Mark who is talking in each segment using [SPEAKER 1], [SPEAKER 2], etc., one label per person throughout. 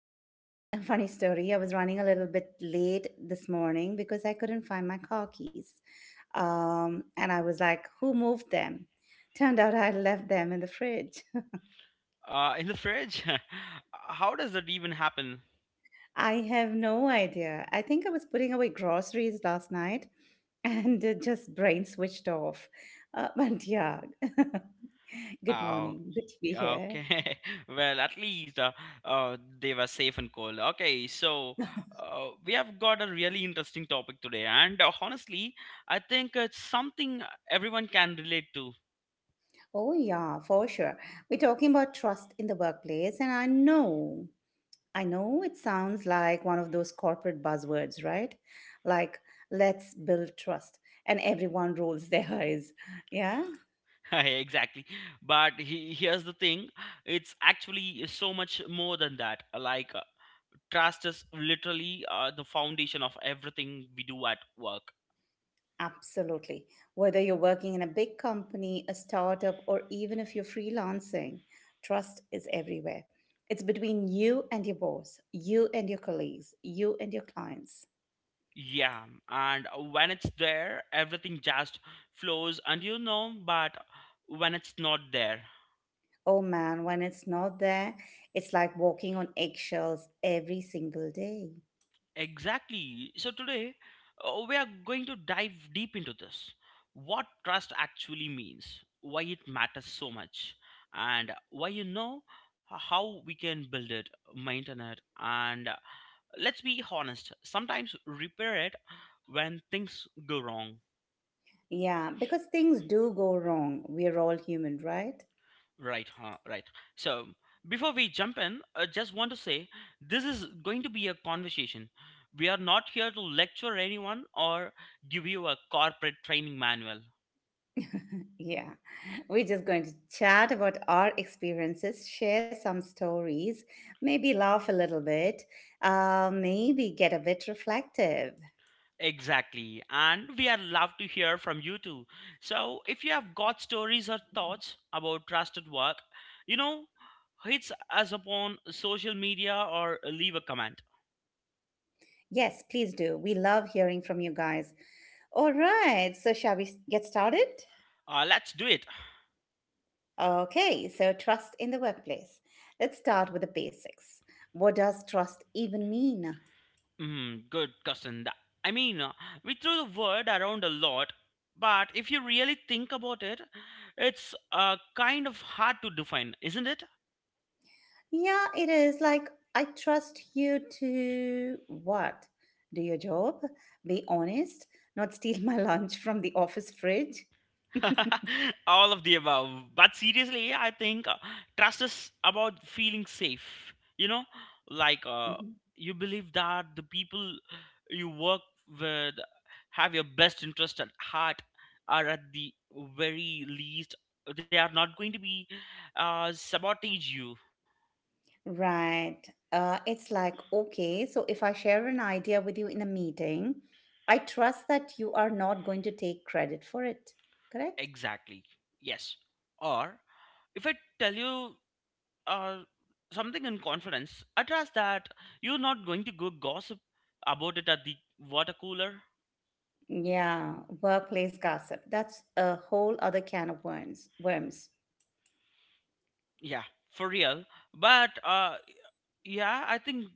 [SPEAKER 1] Although, a funny story, I was running a little bit late this morning because I couldn't find my car keys. And I was like, who moved them? Turned out I left them in the fridge.
[SPEAKER 2] In the fridge? How does that even happen?
[SPEAKER 1] I have no idea. I think I was putting away groceries last night and just brain switched off. But yeah, good
[SPEAKER 2] Oh,
[SPEAKER 1] morning. Good to be here.
[SPEAKER 2] okay. Well, at least they were safe and cold. Okay, so we have got a really interesting topic today, and honestly, I think it's something everyone can relate to.
[SPEAKER 1] Oh, yeah, for sure. We're talking about trust in the workplace, and I know it sounds like one of those corporate buzzwords, right? Like, let's build trust, and everyone rolls their eyes. Yeah.
[SPEAKER 2] Exactly. But here's the thing, it's actually so much more than that. Like, trust is literally the foundation of everything we do at work.
[SPEAKER 1] Absolutely. Whether you're working in a big company, a startup, or even if you're freelancing, trust is everywhere. It's between you and your boss, you and your colleagues, you and your clients.
[SPEAKER 2] Yeah, and when it's there, everything just flows, and but when it's not there,
[SPEAKER 1] Oh man, when it's not there, it's like walking on eggshells every single day.
[SPEAKER 2] exactly. So today, we are going to dive deep into this. What trust actually means, why it matters so much, and why you know how we can build it, maintain it, and, let's be honest, sometimes repair it when things go wrong.
[SPEAKER 1] Yeah, because things do go wrong. We're all human, right?
[SPEAKER 2] Right, huh? Right. So, before we jump in, I just want to say this is going to be a conversation. We are not here to lecture anyone or give you a corporate training manual.
[SPEAKER 1] Yeah. We're just going to chat about our experiences, share some stories, maybe laugh a little bit, maybe get a bit reflective.
[SPEAKER 2] Exactly. And we are love to hear from you too. So if you have got stories or thoughts about trusted work, you know, hits us upon social media or leave a comment.
[SPEAKER 1] Yes, please do. We love hearing from you guys. All right, so shall we get started?
[SPEAKER 2] Let's do it.
[SPEAKER 1] Okay, so trust in the workplace. Let's start with the basics. What does trust even mean?
[SPEAKER 2] Mm, good question. I mean, uh, we throw the word around a lot, but if you really think about it, it's kind of hard to define, isn't it?
[SPEAKER 1] Yeah, it is like I trust you to what? Do your job, be honest, not steal my lunch from the office fridge.
[SPEAKER 2] All of the above. But seriously, I think trust is about feeling safe. Like uh,
[SPEAKER 1] Mhm.
[SPEAKER 2] you believe that the people you work with have your best interest at heart, or at the very least, they are not going to be, sabotage you.
[SPEAKER 1] Right. It's like, okay, so if I share an idea with you in a meeting, I trust that you are not going to take credit for it, correct?
[SPEAKER 2] Exactly. Yes. Or if I tell you, uh, something in confidence, I trust that you're not going to go gossip about it at the water cooler.
[SPEAKER 1] Yeah, workplace gossip. That's a whole other can of worms. Worms.
[SPEAKER 2] Yeah, for real. But yeah, I think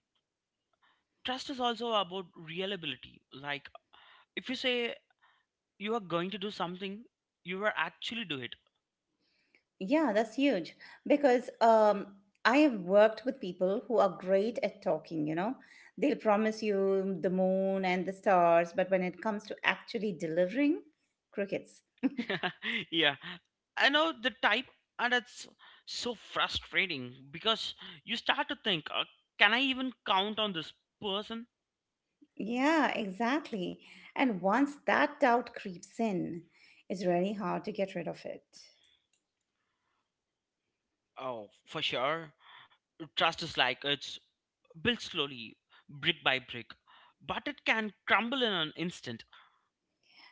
[SPEAKER 2] trust is also about reliability. Like, if you say you are going to do something, you are actually do it.
[SPEAKER 1] Yeah, that's huge because I have worked with people who are great at talking, you know. They'll promise you the moon and the stars, but when it comes to actually delivering, crickets.
[SPEAKER 2] Yeah, I know the type, and it's so frustrating because you start to think, can I even count on this person?
[SPEAKER 1] Yeah, exactly. And once that doubt creeps in, it's really hard to get rid of it.
[SPEAKER 2] Oh, for sure. Trust is like, it's built slowly, brick by brick, but it can crumble in an instant.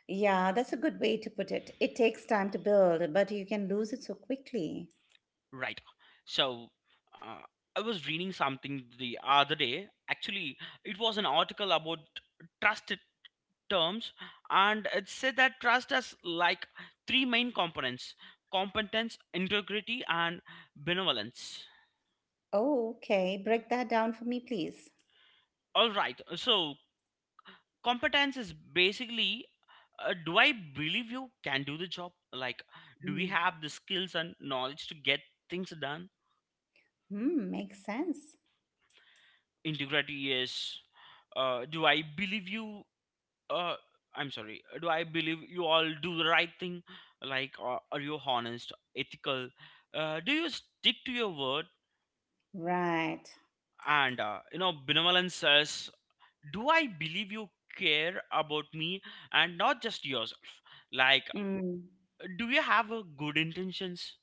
[SPEAKER 1] Yeah, that's a good way to put it. It takes time to build, but you can lose it so quickly.
[SPEAKER 2] Right, so uh, I was reading something the other day, actually. It was an article about trust terms, and it said that trust has like three main components: competence, integrity, and benevolence.
[SPEAKER 1] Oh, okay. Break that down for me, please.
[SPEAKER 2] All right, so competence is basically, do I believe you can do the job? Like, do we
[SPEAKER 1] Mm.
[SPEAKER 2] have the skills and knowledge to get things done?
[SPEAKER 1] Hmm, makes sense.
[SPEAKER 2] Integrity is, uh, do i believe you uh, do I believe you all do the right thing. Like, are you honest, ethical, do you stick to your word?
[SPEAKER 1] Right.
[SPEAKER 2] And benevolence says, do I believe you care about me and not just yourself? Like,
[SPEAKER 1] Mm,
[SPEAKER 2] do you have a good intentions?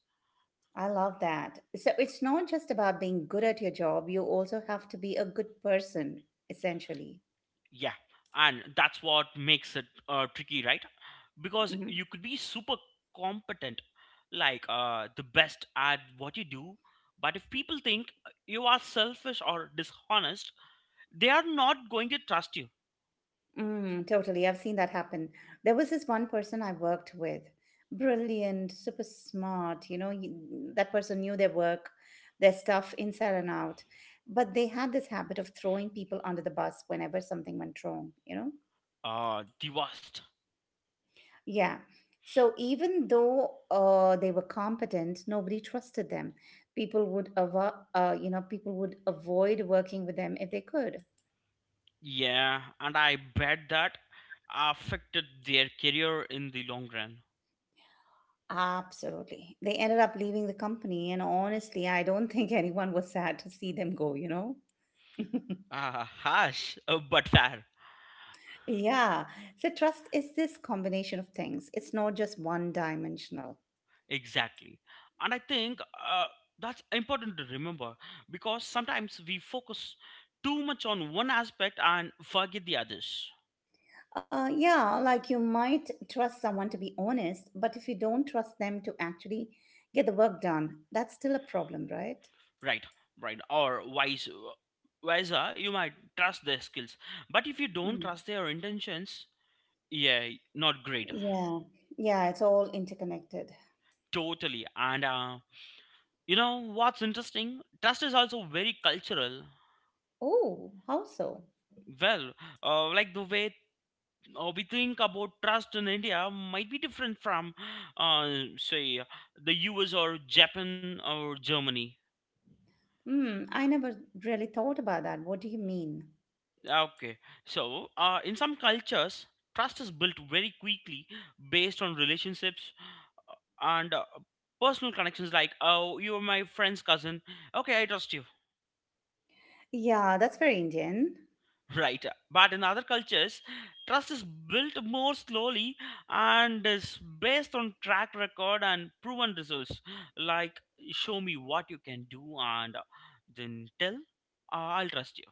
[SPEAKER 1] I love that. So it's not just about being good at your job, you also have to be a good person, essentially.
[SPEAKER 2] Yeah, and that's what makes it tricky, right? Because
[SPEAKER 1] Hmm.
[SPEAKER 2] you could be super competent, like, the best at what you do, but if people think you are selfish or dishonest, they are not going to trust you.
[SPEAKER 1] Mm, totally. I've seen that happen. There was this one person I worked with, brilliant, super smart. You know, that person knew their work, their stuff inside and out. But they had this habit of throwing people under the bus whenever something went wrong, you know?
[SPEAKER 2] The worst.
[SPEAKER 1] Yeah. So even though they were competent, nobody trusted them. People would avoid working with them if they could.
[SPEAKER 2] Yeah, and I bet that affected their career in the long run.
[SPEAKER 1] Absolutely. They ended up leaving the company, and honestly, I don't think anyone was sad to see them go, you know?
[SPEAKER 2] Ah, harsh, but fair.
[SPEAKER 1] Yeah. So trust is this combination of things. It's not just one dimensional.
[SPEAKER 2] Exactly. And I think that's important to remember, because sometimes we focus too much on one aspect and forget the others.
[SPEAKER 1] Yeah, like you might trust someone to be honest, but if you don't trust them to actually get the work done, that's still a problem, right?
[SPEAKER 2] Right, right. Or vice versa, you might trust their skills. But if you don't
[SPEAKER 1] Mm.
[SPEAKER 2] trust their intentions, yeah, not great.
[SPEAKER 1] Yeah, yeah, it's all interconnected.
[SPEAKER 2] Totally. And you know what's interesting? Trust is also very cultural.
[SPEAKER 1] Oh, how so?
[SPEAKER 2] Well, like the way we think about trust in India might be different from, uh, say, the US or Japan or Germany.
[SPEAKER 1] Hmm, I never really thought about that. What do you mean?
[SPEAKER 2] Okay, so in some cultures, trust is built very quickly based on relationships uh, and personal connections. Like, oh, you're my friend's cousin. Okay, I trust you.
[SPEAKER 1] Yeah, that's very Indian.
[SPEAKER 2] Right. But in other cultures, trust is built more slowly and is based on track record and proven results. Like, show me what you can do, and then tell, I'll trust you.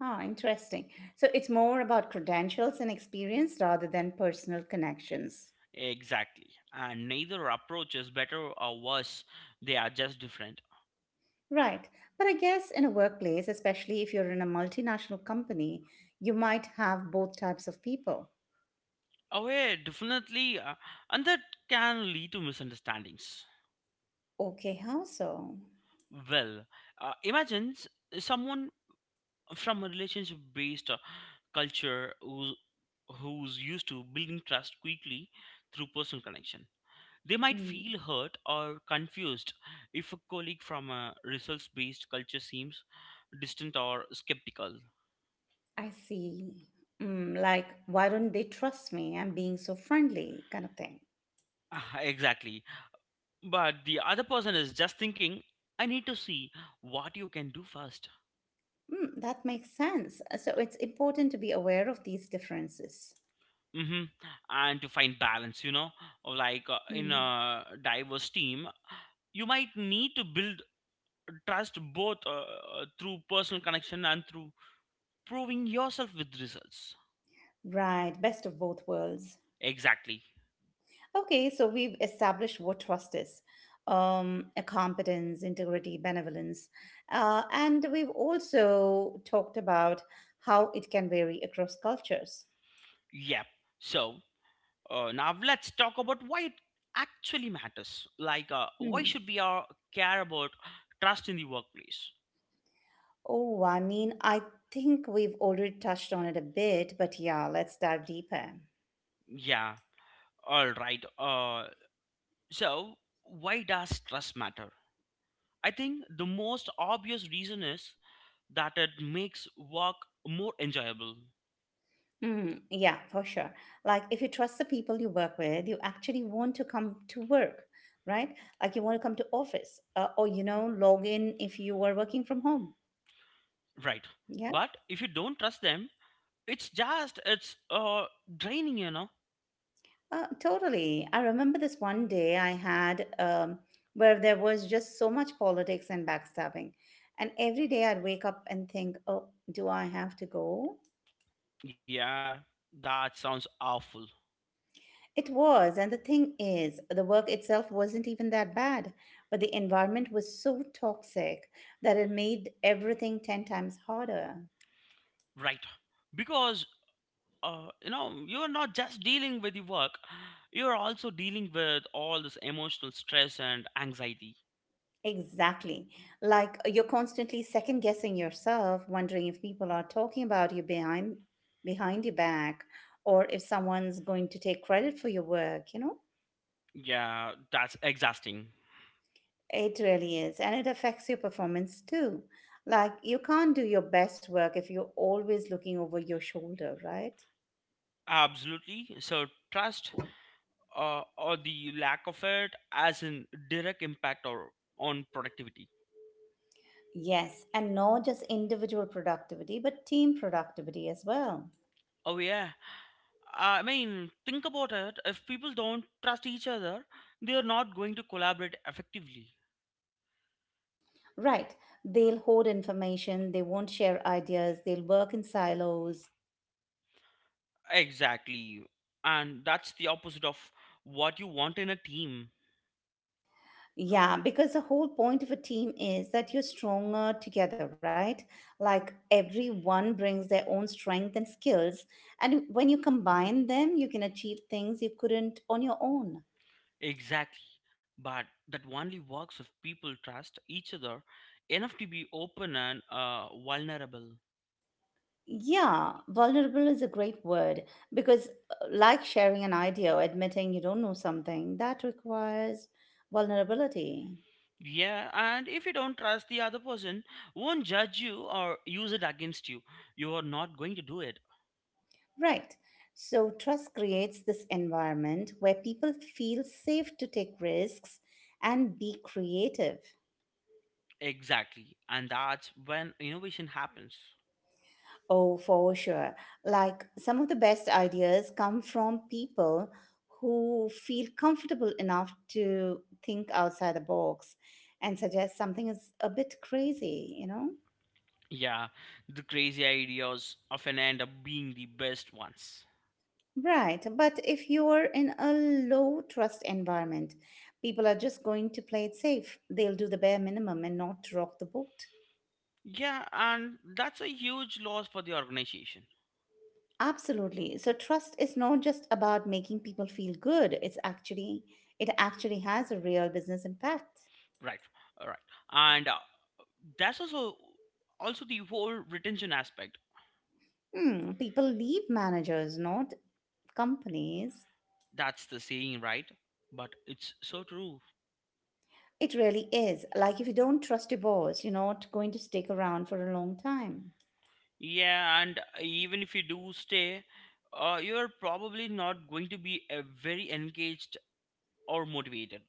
[SPEAKER 1] Ah, interesting. So it's more about credentials and experience rather than personal connections.
[SPEAKER 2] Exactly. And neither approach is better or worse, they are just different.
[SPEAKER 1] Right. But I guess in a workplace, especially if you're in a multinational company, you might have both types of people.
[SPEAKER 2] Oh, yeah, definitely. And that can lead to misunderstandings.
[SPEAKER 1] Okay, how so?
[SPEAKER 2] Well, imagine someone from a relationship based, culture who's used to building trust quickly through personal connection. They might
[SPEAKER 1] Mm.
[SPEAKER 2] feel hurt or confused if a colleague from a results based culture seems distant or skeptical.
[SPEAKER 1] I see. Mm, like, why don't they trust me? I'm being so friendly, kind of thing.
[SPEAKER 2] Ah, exactly. But the other person is just thinking, I need to see what you can do first.
[SPEAKER 1] Mm, that makes sense. So it's important to be aware of these differences.
[SPEAKER 2] Hmm. And to find balance, you know, like, in
[SPEAKER 1] Hmm.
[SPEAKER 2] a diverse team, you might need to build trust both through personal connection and through proving yourself with results.
[SPEAKER 1] Right, best of both worlds.
[SPEAKER 2] Exactly.
[SPEAKER 1] Okay, so we've established what trust is a competence, integrity, benevolence. And we've also talked about how it can vary across cultures.
[SPEAKER 2] Yep. So now let's talk about why it actually matters. Like, why
[SPEAKER 1] Hmm.
[SPEAKER 2] should we, care about trust in the workplace?
[SPEAKER 1] Oh, I mean, I think we've already touched on it a bit, but yeah, let's dive deeper.
[SPEAKER 2] Yeah. All right. So why does trust matter? I think the most obvious reason is that it makes work more enjoyable.
[SPEAKER 1] Mm, yeah, for sure. Like, if you trust the people you work with, you actually want to come to work, right? Like, you want to come to office, or you know, log in if you are working from home.
[SPEAKER 2] Right.
[SPEAKER 1] Yeah,
[SPEAKER 2] But if you don't trust them, it's just, it's draining, you know.
[SPEAKER 1] totally. I remember this one day I had where there was just so much politics and backstabbing, and every day I'd wake up and think, "Oh, do I have to go?"
[SPEAKER 2] Yeah, that sounds awful,
[SPEAKER 1] It was, and the thing is, the work itself wasn't even that bad, but the environment was so toxic that it made everything 10 times harder.
[SPEAKER 2] right? Because you know, you're not just dealing with the work, you're also dealing with all this emotional stress and anxiety.
[SPEAKER 1] Exactly. Like you're constantly second guessing yourself, wondering if people are talking about you behind your back or if someone's going to take credit for your work, you know?
[SPEAKER 2] Yeah, that's exhausting.
[SPEAKER 1] It really is, and it affects your performance too. Like you can't do your best work if you're always looking over your shoulder, right?
[SPEAKER 2] Absolutely. So trust, or the lack of it, as a direct impact or on productivity.
[SPEAKER 1] Yes, and not just individual productivity, but team productivity as well.
[SPEAKER 2] Oh yeah. I mean, think about it. If people don't trust each other, they are not going to collaborate effectively.
[SPEAKER 1] Right. They'll hoard information, they won't share ideas, they'll work in silos.
[SPEAKER 2] Exactly. And that's the opposite of what you want in a team.
[SPEAKER 1] Yeah, because the whole point of a team is that you're stronger together, right? Like everyone brings their own strength and skills. And when you combine them, you can achieve things you couldn't on your own.
[SPEAKER 2] Exactly. But that only works if people trust each other enough to be open and vulnerable.
[SPEAKER 1] Yeah, vulnerable is a great word because, like sharing an idea or admitting you don't know something, that requires vulnerability.
[SPEAKER 2] Yeah, and if you don't trust the other person, won't judge you or use it against you, you are not going to do it.
[SPEAKER 1] Right. So, trust creates this environment where people feel safe to take risks and be creative.
[SPEAKER 2] Exactly. And that's when innovation happens.
[SPEAKER 1] Oh, for sure. Like some of the best ideas come from people who feel comfortable enough to think outside the box and suggest something is a bit crazy, you know?
[SPEAKER 2] Yeah, the crazy ideas often end up being the best ones.
[SPEAKER 1] Right, but if you're in a low trust environment, people are just going to play it safe. They'll do the bare minimum and not rock the boat.
[SPEAKER 2] Yeah, and that's a huge loss for the organization.
[SPEAKER 1] Absolutely. So trust is not just about making people feel good. It actually has a real business impact.
[SPEAKER 2] Right, right. And that's also also the whole retention aspect.
[SPEAKER 1] Hmm, people leave managers, not companies.
[SPEAKER 2] That's the saying, right? But it's so true.
[SPEAKER 1] It really is. Like if you don't trust your boss, you're not going to stick around for a long time.
[SPEAKER 2] Yeah, and even if you do stay, you're probably not going to be a very engaged or motivated.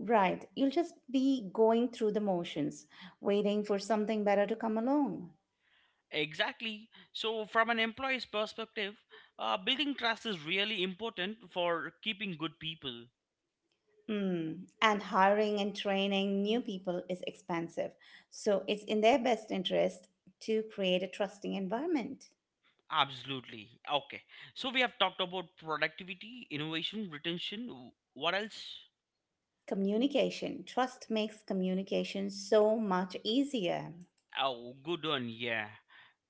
[SPEAKER 1] Right. You'll just be going through the motions, waiting for something better to come along.
[SPEAKER 2] Exactly. So, from an employee's perspective, building trust is really important for keeping good people.
[SPEAKER 1] Mm. And hiring and training new people is expensive. So it's in their best interest to create a trusting environment.
[SPEAKER 2] Absolutely. Okay. So, we have talked about productivity, innovation, retention. What else?
[SPEAKER 1] Communication. Trust makes communication so much easier.
[SPEAKER 2] Oh, good one. Yeah.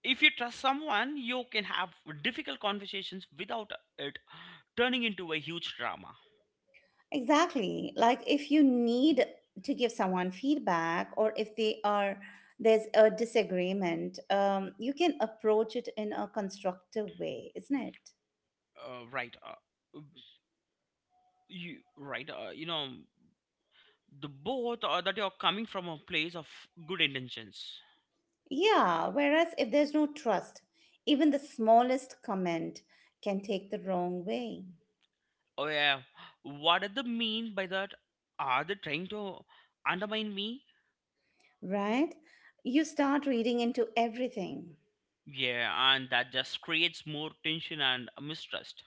[SPEAKER 2] If you trust someone, you can have difficult conversations without it turning into a huge drama.
[SPEAKER 1] Exactly. Like if you need to give someone feedback or if they are there's a disagreement, you can approach it in a constructive way, isn't it?
[SPEAKER 2] Right. You right. You know the both that you're coming from a place of good intentions.
[SPEAKER 1] Yeah, whereas if there's no trust, even the smallest comment can take the wrong way,
[SPEAKER 2] Oh yeah. What did they mean by that? Are they trying to undermine me?
[SPEAKER 1] right? You start reading into everything.
[SPEAKER 2] Yeah, and that just creates more tension and mistrust.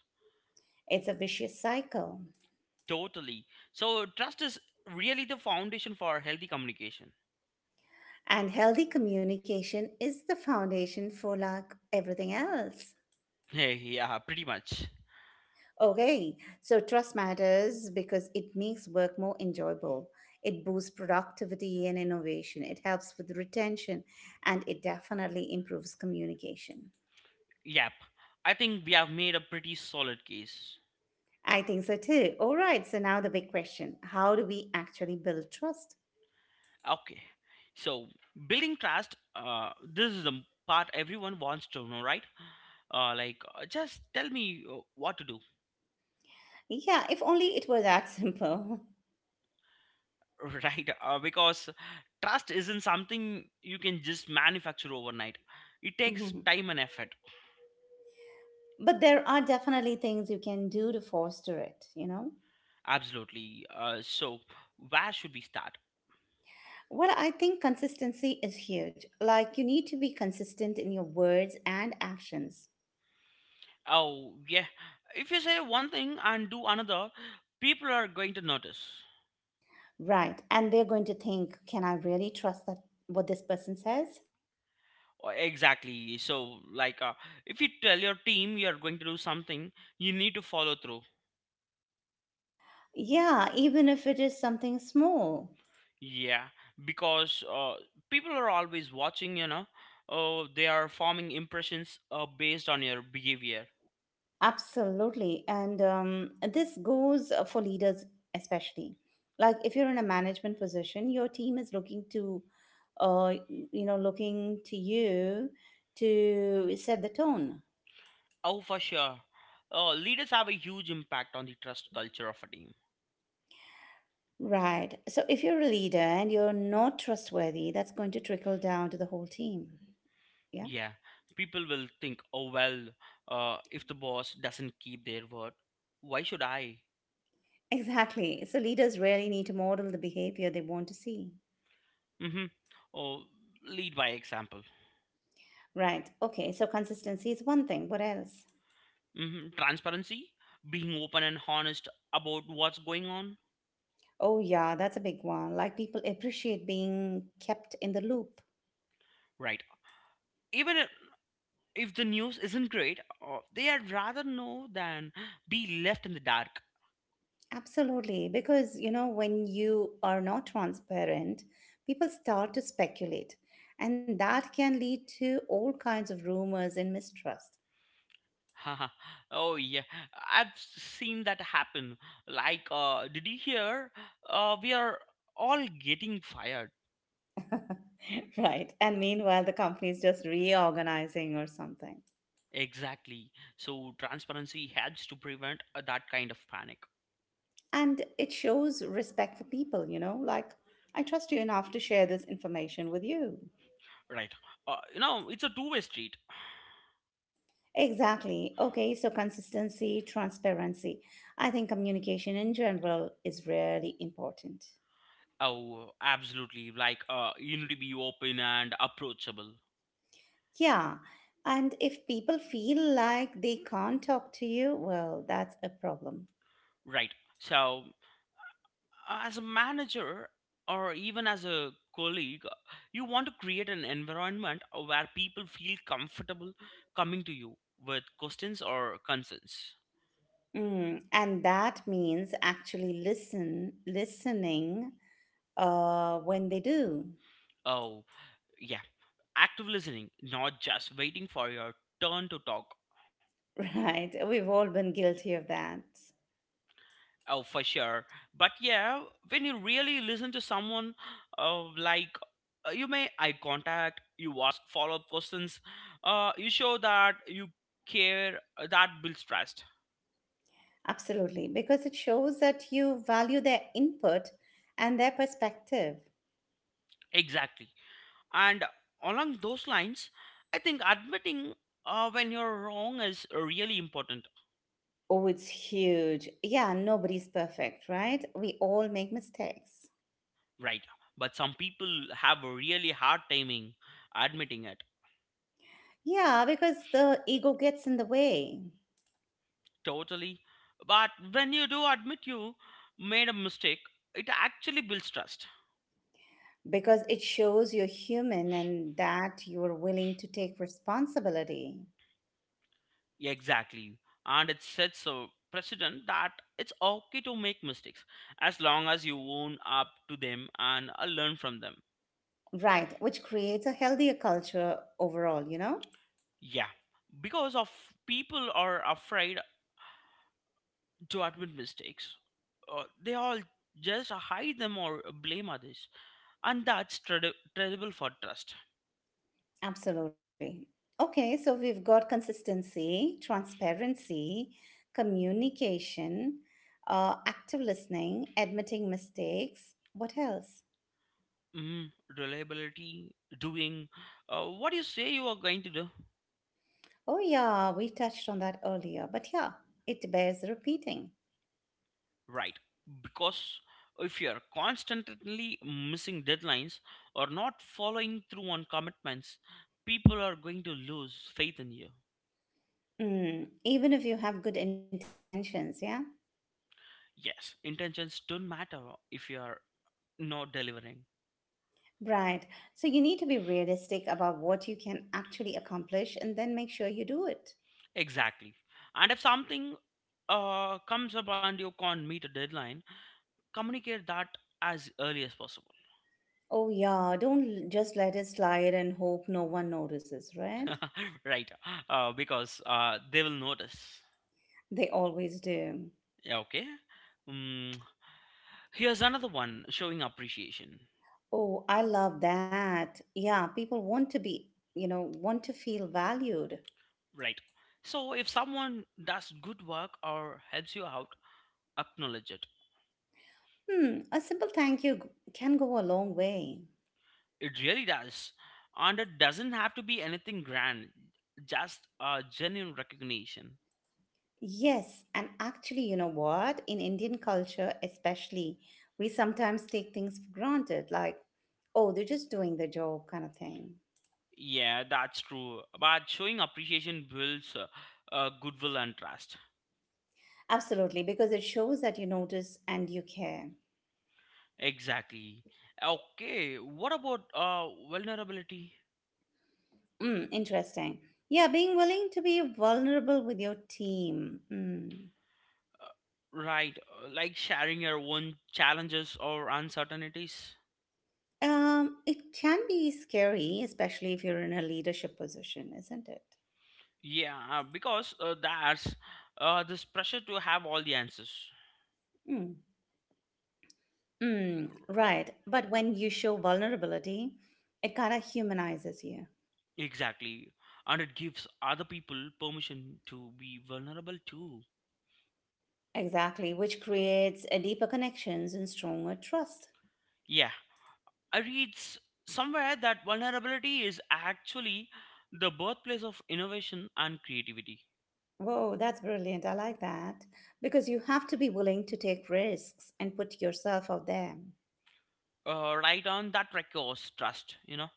[SPEAKER 1] It's a vicious cycle.
[SPEAKER 2] Totally. So trust is really the foundation for healthy communication.
[SPEAKER 1] And healthy communication is the foundation for like everything else.
[SPEAKER 2] Yeah, pretty much.
[SPEAKER 1] Okay, so trust matters because it makes work more enjoyable. It boosts productivity and innovation. It helps with retention, and it definitely improves communication.
[SPEAKER 2] Yep. I think we have made a pretty solid case.
[SPEAKER 1] I think so too. All right, so now the big question: how do we actually build trust?
[SPEAKER 2] Okay. So building trust, this is the part everyone wants to know, right? Just tell me what to do.
[SPEAKER 1] Yeah, if only it were that simple.
[SPEAKER 2] Right, because trust isn't something you can just manufacture overnight, it takes
[SPEAKER 1] Mhm.
[SPEAKER 2] time and effort.
[SPEAKER 1] But there are definitely things you can do to foster it, you know?
[SPEAKER 2] Absolutely, so where should we start?
[SPEAKER 1] Well, I think consistency is huge. Like, you need to be consistent in your words and actions.
[SPEAKER 2] Oh yeah, if you say one thing and do another, people are going to notice.
[SPEAKER 1] Right. And they're going to think, can I really trust that what this person says?
[SPEAKER 2] Oh, exactly. So like, if you tell your team you're going to do something, you need to follow through.
[SPEAKER 1] Yeah, even if it is something small.
[SPEAKER 2] Yeah, because people are always watching, you know. Oh, they are forming impressions based on your behavior.
[SPEAKER 1] Absolutely. And this goes for leaders, especially. Like if you're in a management position, your team is looking to, uh, looking to you to set the tone.
[SPEAKER 2] Oh, for sure. Leaders have a huge impact on the trust culture of a team.
[SPEAKER 1] Right. So if you're a leader and you're not trustworthy, that's going to trickle down to the whole team. Yeah.
[SPEAKER 2] Yeah, people will think, oh, well, if the boss doesn't keep their word, why should I?
[SPEAKER 1] Exactly. So leaders really need to model the behavior they want to see.
[SPEAKER 2] Mm-hmm. Oh, lead by example.
[SPEAKER 1] Right. Okay. So consistency is one thing. What else?
[SPEAKER 2] Hmm. Transparency, being open and honest about what's going on.
[SPEAKER 1] Oh, yeah, that's a big one. Like people appreciate being kept in the loop.
[SPEAKER 2] Right. Even if the news isn't great, they would rather know than be left in the dark.
[SPEAKER 1] Absolutely. Because, you know, when you are not transparent, people start to speculate. And that can lead to all kinds of rumors and mistrust.
[SPEAKER 2] Oh yeah, I've seen that happen. Like, did you hear? We are all getting fired.
[SPEAKER 1] Right. And meanwhile, the company is just reorganizing or something.
[SPEAKER 2] Exactly. So transparency helps to prevent that kind of panic.
[SPEAKER 1] And it shows respect for people, you know, like, I trust you enough to share this information with you.
[SPEAKER 2] Right. It's a two-way street.
[SPEAKER 1] Exactly. Okay, so consistency, transparency. I think communication in general is really important.
[SPEAKER 2] Oh, absolutely. Like, you need to be open and approachable.
[SPEAKER 1] Yeah, and if people feel like they can't talk to you, well, that's a problem.
[SPEAKER 2] Right. So as a manager or even as a colleague, you want to create an environment where people feel comfortable coming to you with questions or concerns.
[SPEAKER 1] Mm, and that means actually listening when they do,
[SPEAKER 2] Oh yeah, active listening, not just waiting for your turn to talk.
[SPEAKER 1] right? We've all been guilty of that.
[SPEAKER 2] Oh, for sure. But yeah, when you really listen to someone, uh, like you make eye contact, you ask follow-up questions, you show that you care, that builds trust.
[SPEAKER 1] Absolutely, because it shows that you value their input and their perspective.
[SPEAKER 2] Exactly. And along those lines, I think admitting when you're wrong is really important,
[SPEAKER 1] Oh, it's huge. Yeah, nobody's perfect, right? We all make mistakes.
[SPEAKER 2] right? But some people have a really hard timing admitting it.
[SPEAKER 1] Yeah, because the ego gets in the way,
[SPEAKER 2] Totally. But when you do admit you made a mistake, it actually builds trust.
[SPEAKER 1] because it shows you're human and that you're willing to take responsibility.
[SPEAKER 2] Exactly. And it sets a precedent that it's okay to make mistakes as long as you own up to them and learn from them.
[SPEAKER 1] Right, which creates a healthier culture overall, you know?
[SPEAKER 2] Yeah. Because of people are afraid to admit mistakes, they all just hide them or blame others, and that's terrible for trust.
[SPEAKER 1] Absolutely. Okay, so we've got consistency, transparency, communication, active listening, admitting mistakes. What else?
[SPEAKER 2] mm, Reliability, doing what you say you are going to do.
[SPEAKER 1] Oh, yeah, we touched on that earlier, but yeah, it bears repeating.
[SPEAKER 2] Right, because if you are constantly missing deadlines or not following through on commitments, people are going to lose faith in you.
[SPEAKER 1] Mm, even if you have good intentions, yeah?
[SPEAKER 2] Yes, intentions don't matter if you are not delivering.
[SPEAKER 1] Right. So you need to be realistic about what you can actually accomplish and then make sure you do it.
[SPEAKER 2] Exactly. And if something comes up and you can't meet a deadline, communicate that as early as possible.
[SPEAKER 1] Oh, yeah, don't l- just let it slide and hope no one notices, right?
[SPEAKER 2] Right. Because they will notice.
[SPEAKER 1] They always do.
[SPEAKER 2] Yeah, okay. mm, Here's another one, showing appreciation.
[SPEAKER 1] Oh, I love that. Yeah, people want to be, you know, want to feel valued.
[SPEAKER 2] Right, so if someone does good work or helps you out, acknowledge it.
[SPEAKER 1] Hmm, a simple thank you can go a long way.
[SPEAKER 2] It really does, and it doesn't have to be anything grand, just a genuine recognition.
[SPEAKER 1] Yes, and actually, you know what? In Indian culture, especially, we sometimes take things for granted, like, oh, they're just doing the job kind of thing.
[SPEAKER 2] Yeah, that's true, but showing appreciation builds goodwill and trust.
[SPEAKER 1] Absolutely, because it shows that you notice and you care.
[SPEAKER 2] Exactly. Okay, what about vulnerability?
[SPEAKER 1] Mm, interesting. Yeah, being willing to be vulnerable with your team. Mm.
[SPEAKER 2] Right, like sharing your own challenges or uncertainties.
[SPEAKER 1] It can be scary, especially if you're in a leadership position, isn't it?
[SPEAKER 2] Yeah, because that's this pressure to have all the answers.
[SPEAKER 1] Mm. Mm,
[SPEAKER 2] Uh,
[SPEAKER 1] right. But when you show vulnerability, it kind of humanizes you.
[SPEAKER 2] exactly. And it gives other people permission to be vulnerable too.
[SPEAKER 1] Exactly, which creates a deeper connections and stronger trust.
[SPEAKER 2] Yeah, I read somewhere that vulnerability is actually the birthplace of innovation and creativity.
[SPEAKER 1] Whoa, that's brilliant. I like that. Because you have to be willing to take risks and put yourself out there.
[SPEAKER 2] Right, on that requires trust, you know.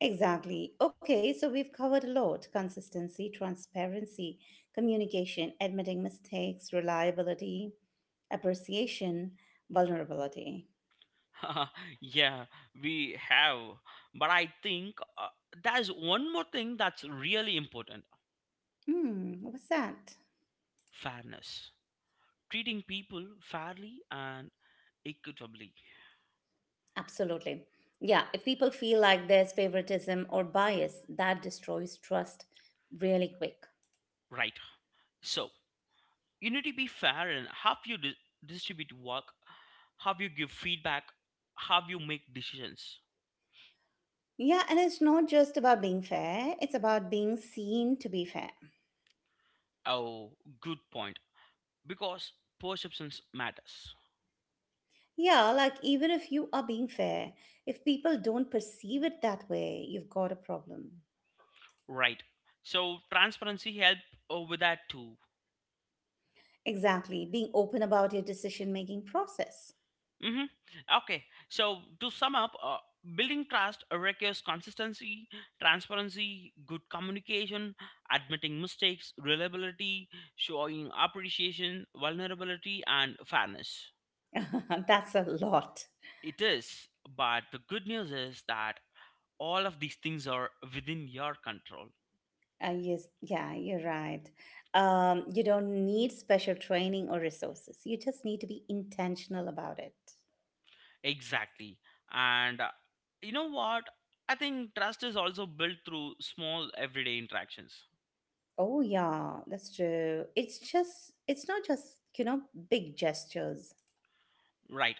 [SPEAKER 1] Exactly. Okay, so we've covered a lot: consistency, transparency, communication, admitting mistakes, reliability, appreciation, vulnerability.
[SPEAKER 2] Yeah, we have, but I think there's one more thing that's really important:
[SPEAKER 1] Hmm, what's that?
[SPEAKER 2] fairness, treating people fairly and equitably.
[SPEAKER 1] Absolutely. Yeah, if people feel like there's favoritism or bias, that destroys trust really quick.
[SPEAKER 2] Right, so you need to be fair in how you distribute work, how you give feedback, how you make decisions.
[SPEAKER 1] Yeah, and it's not just about being fair, it's about being seen to be fair.
[SPEAKER 2] Oh, good point, because perceptions matters.
[SPEAKER 1] Yeah, like even if you are being fair, if people don't perceive it that way, you've got a problem.
[SPEAKER 2] Right, so transparency help with that too.
[SPEAKER 1] Exactly, being open about your decision making process.
[SPEAKER 2] Hmm. Okay, so to sum up, building trust requires consistency, transparency, good communication, admitting mistakes, reliability, showing appreciation, vulnerability, and fairness.
[SPEAKER 1] That's a lot.
[SPEAKER 2] It is, but the good news is that all of these things are within your control.
[SPEAKER 1] Yes, yeah, you're right. You don't need special training or resources, you just need to be intentional about it.
[SPEAKER 2] Exactly. And you know what? I think trust is also built through small everyday interactions,
[SPEAKER 1] Oh yeah, that's true. It's not just, you know, big gestures.
[SPEAKER 2] right?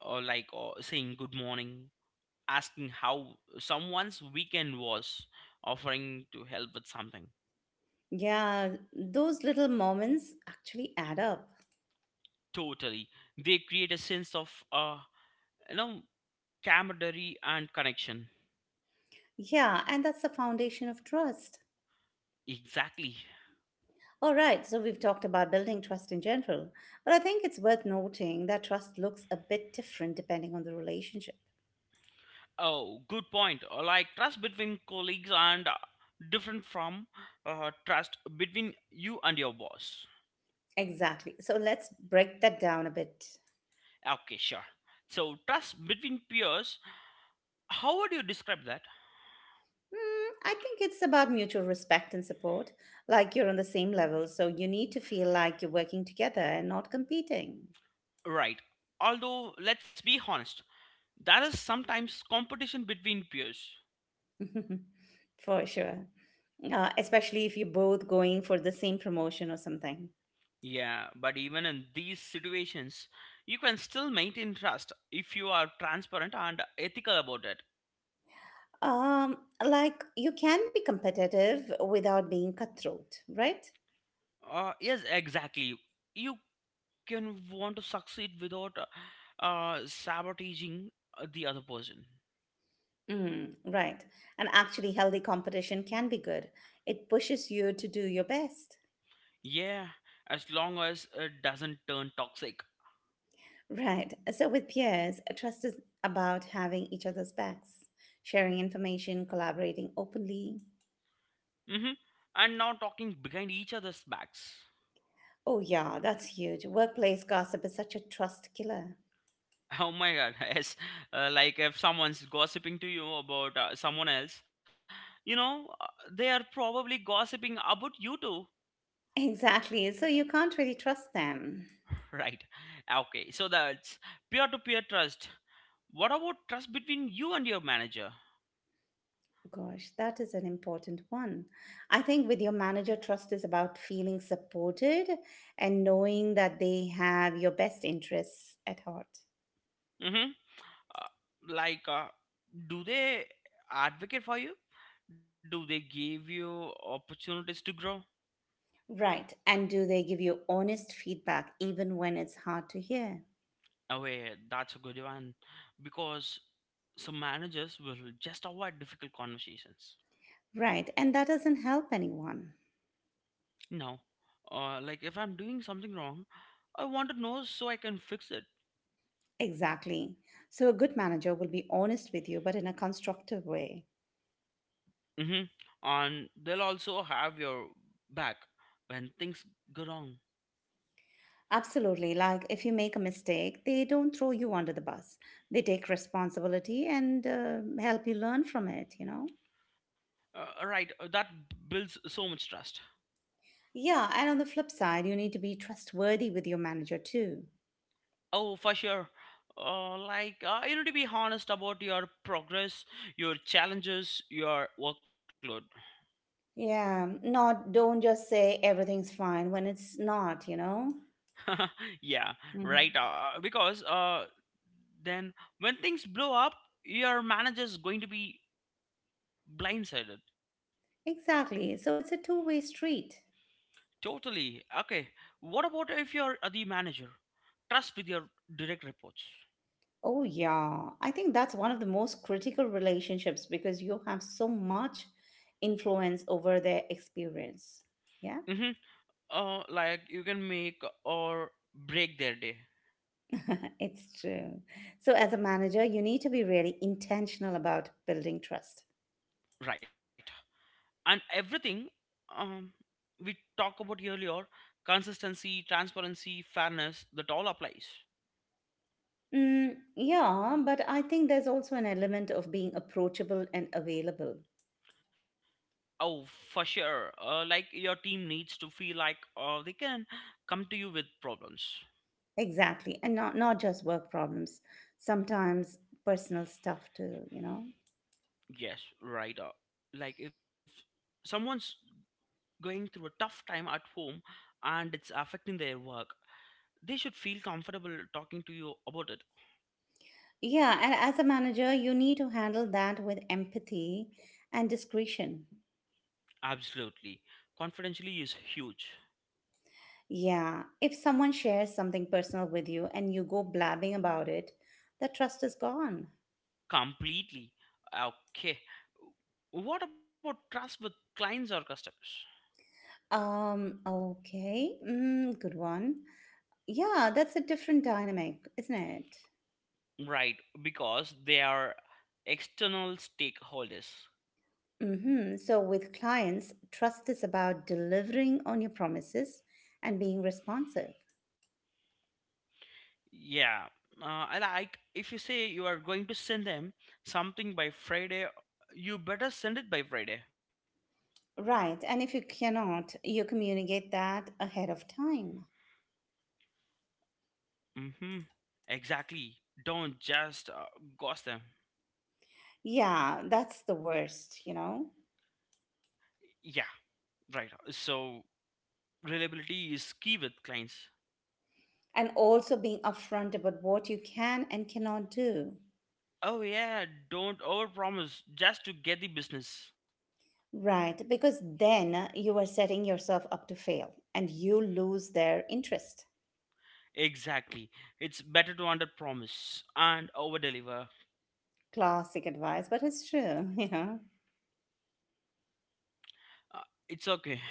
[SPEAKER 2] Or like saying good morning, asking how someone's weekend was, offering to help with something.
[SPEAKER 1] Yeah, those little moments actually add up.
[SPEAKER 2] Totally. They create a sense of, you know, camaraderie and connection.
[SPEAKER 1] Yeah, and that's the foundation of trust.
[SPEAKER 2] Exactly.
[SPEAKER 1] All right, so we've talked about building trust in general, but I think it's worth noting that trust looks a bit different depending on the relationship.
[SPEAKER 2] Oh, good point. Like trust between colleagues and different from trust between you and your boss.
[SPEAKER 1] Exactly. So let's break that down a bit.
[SPEAKER 2] Okay, sure. So, trust between peers, how would you describe that?
[SPEAKER 1] Mm, I think it's about mutual respect and support, like you're on the same level, so you need to feel like you're working together and not competing.
[SPEAKER 2] Right. Although, let's be honest, there is sometimes competition between peers.
[SPEAKER 1] For sure. Especially if you're both going for the same promotion or something.
[SPEAKER 2] Yeah, but even in these situations, you can still maintain trust if you are transparent and ethical about it.
[SPEAKER 1] Um, like you can be competitive without being cutthroat, right?
[SPEAKER 2] Yes, exactly. You can want to succeed without sabotaging the other person.
[SPEAKER 1] Mm, right. And actually, healthy competition can be good. It pushes you to do your best.
[SPEAKER 2] Yeah, as long as it doesn't turn toxic.
[SPEAKER 1] Right. So with peers, trust is about having each other's backs, sharing information, collaborating openly.
[SPEAKER 2] Hmm. And not talking behind each other's backs.
[SPEAKER 1] Oh yeah, that's huge. Workplace gossip is such a trust killer.
[SPEAKER 2] Oh my god, yes. Like if someone's gossiping to you about someone else, you know, they are probably gossiping about you too.
[SPEAKER 1] Exactly. So you can't really trust them.
[SPEAKER 2] Right. Okay, so that's peer to peer trust. What about trust between you and your manager?
[SPEAKER 1] Gosh, that is an important one. I think with your manager, trust is about feeling supported and knowing that they have your best interests at heart.
[SPEAKER 2] Mm-hmm. Uh, like, do they advocate for you? Do they give you opportunities to grow?
[SPEAKER 1] Right. And do they give you honest feedback even when it's hard to hear?
[SPEAKER 2] Oh, yeah, that's a good one. Because some managers will just avoid difficult conversations.
[SPEAKER 1] Right. And that doesn't help anyone.
[SPEAKER 2] No. Like if I'm doing something wrong, I want to know so I can fix it.
[SPEAKER 1] Exactly. So a good manager will be honest with you, but in a constructive way.
[SPEAKER 2] Hmm. And they'll also have your back when things go wrong.
[SPEAKER 1] Absolutely. Like, if you make a mistake, they don't throw you under the bus. They take responsibility and help you learn from it, you know?
[SPEAKER 2] Right, that builds so much trust.
[SPEAKER 1] Yeah. And on the flip side, you need to be trustworthy with your manager too.
[SPEAKER 2] Oh, for sure. Like, you need to be honest about your progress, your challenges, your workload.
[SPEAKER 1] Yeah. Not, don't just say everything's fine when it's not, you know?
[SPEAKER 2] Yeah,
[SPEAKER 1] Mhm.
[SPEAKER 2] right. Because then when things blow up, your manager is going to be blindsided.
[SPEAKER 1] Exactly. So it's a two-way street.
[SPEAKER 2] Totally. Okay. What about if you're the manager? Trust with your direct reports.
[SPEAKER 1] Oh, yeah. I think that's one of the most critical relationships because you have so much influence over their experience. Yeah.
[SPEAKER 2] Mm-hmm. Like you can make or break their day,
[SPEAKER 1] It's true. So, as a manager, you need to be really intentional about building trust.
[SPEAKER 2] right? And everything um, we talk about earlier, consistency, transparency, fairness, that all applies.
[SPEAKER 1] Mm, yeah, but I think there's also an element of being approachable and available.
[SPEAKER 2] Oh, for sure. Like, your team needs to feel like they can come to you with problems.
[SPEAKER 1] Exactly. And not just work problems, sometimes personal stuff too, you know?
[SPEAKER 2] Yes, right. Like if someone's going through a tough time at home and it's affecting their work, they should feel comfortable talking to you about it.
[SPEAKER 1] Yeah, and as a manager, you need to handle that with empathy and discretion.
[SPEAKER 2] Absolutely. Confidentially is huge.
[SPEAKER 1] Yeah, if someone shares something personal with you and you go blabbing about it, the trust is gone.
[SPEAKER 2] Completely. Okay. What about trust with clients or customers?
[SPEAKER 1] Okay. Mm, good one. Yeah, that's a different dynamic, isn't it?
[SPEAKER 2] Right, because they are external stakeholders.
[SPEAKER 1] Mm-hmm. So with clients, trust is about delivering on your promises and being responsive.
[SPEAKER 2] Yeah. Uh, I like if you say you are going to send them something by Friday, you better send it by Friday.
[SPEAKER 1] Right. And if you cannot, you communicate that ahead of time.
[SPEAKER 2] Mm-hmm. Exactly. Don't just ghost them.
[SPEAKER 1] Yeah, that's the worst, you know?
[SPEAKER 2] Yeah, right. So reliability is key with clients.
[SPEAKER 1] And also being upfront about what you can and cannot do.
[SPEAKER 2] Oh yeah, don't overpromise just to get the business.
[SPEAKER 1] Right. Because then you are setting yourself up to fail and you lose their interest.
[SPEAKER 2] Exactly. It's better to underpromise and overdeliver.
[SPEAKER 1] Classic advice, but it's true, you know.
[SPEAKER 2] It's okay.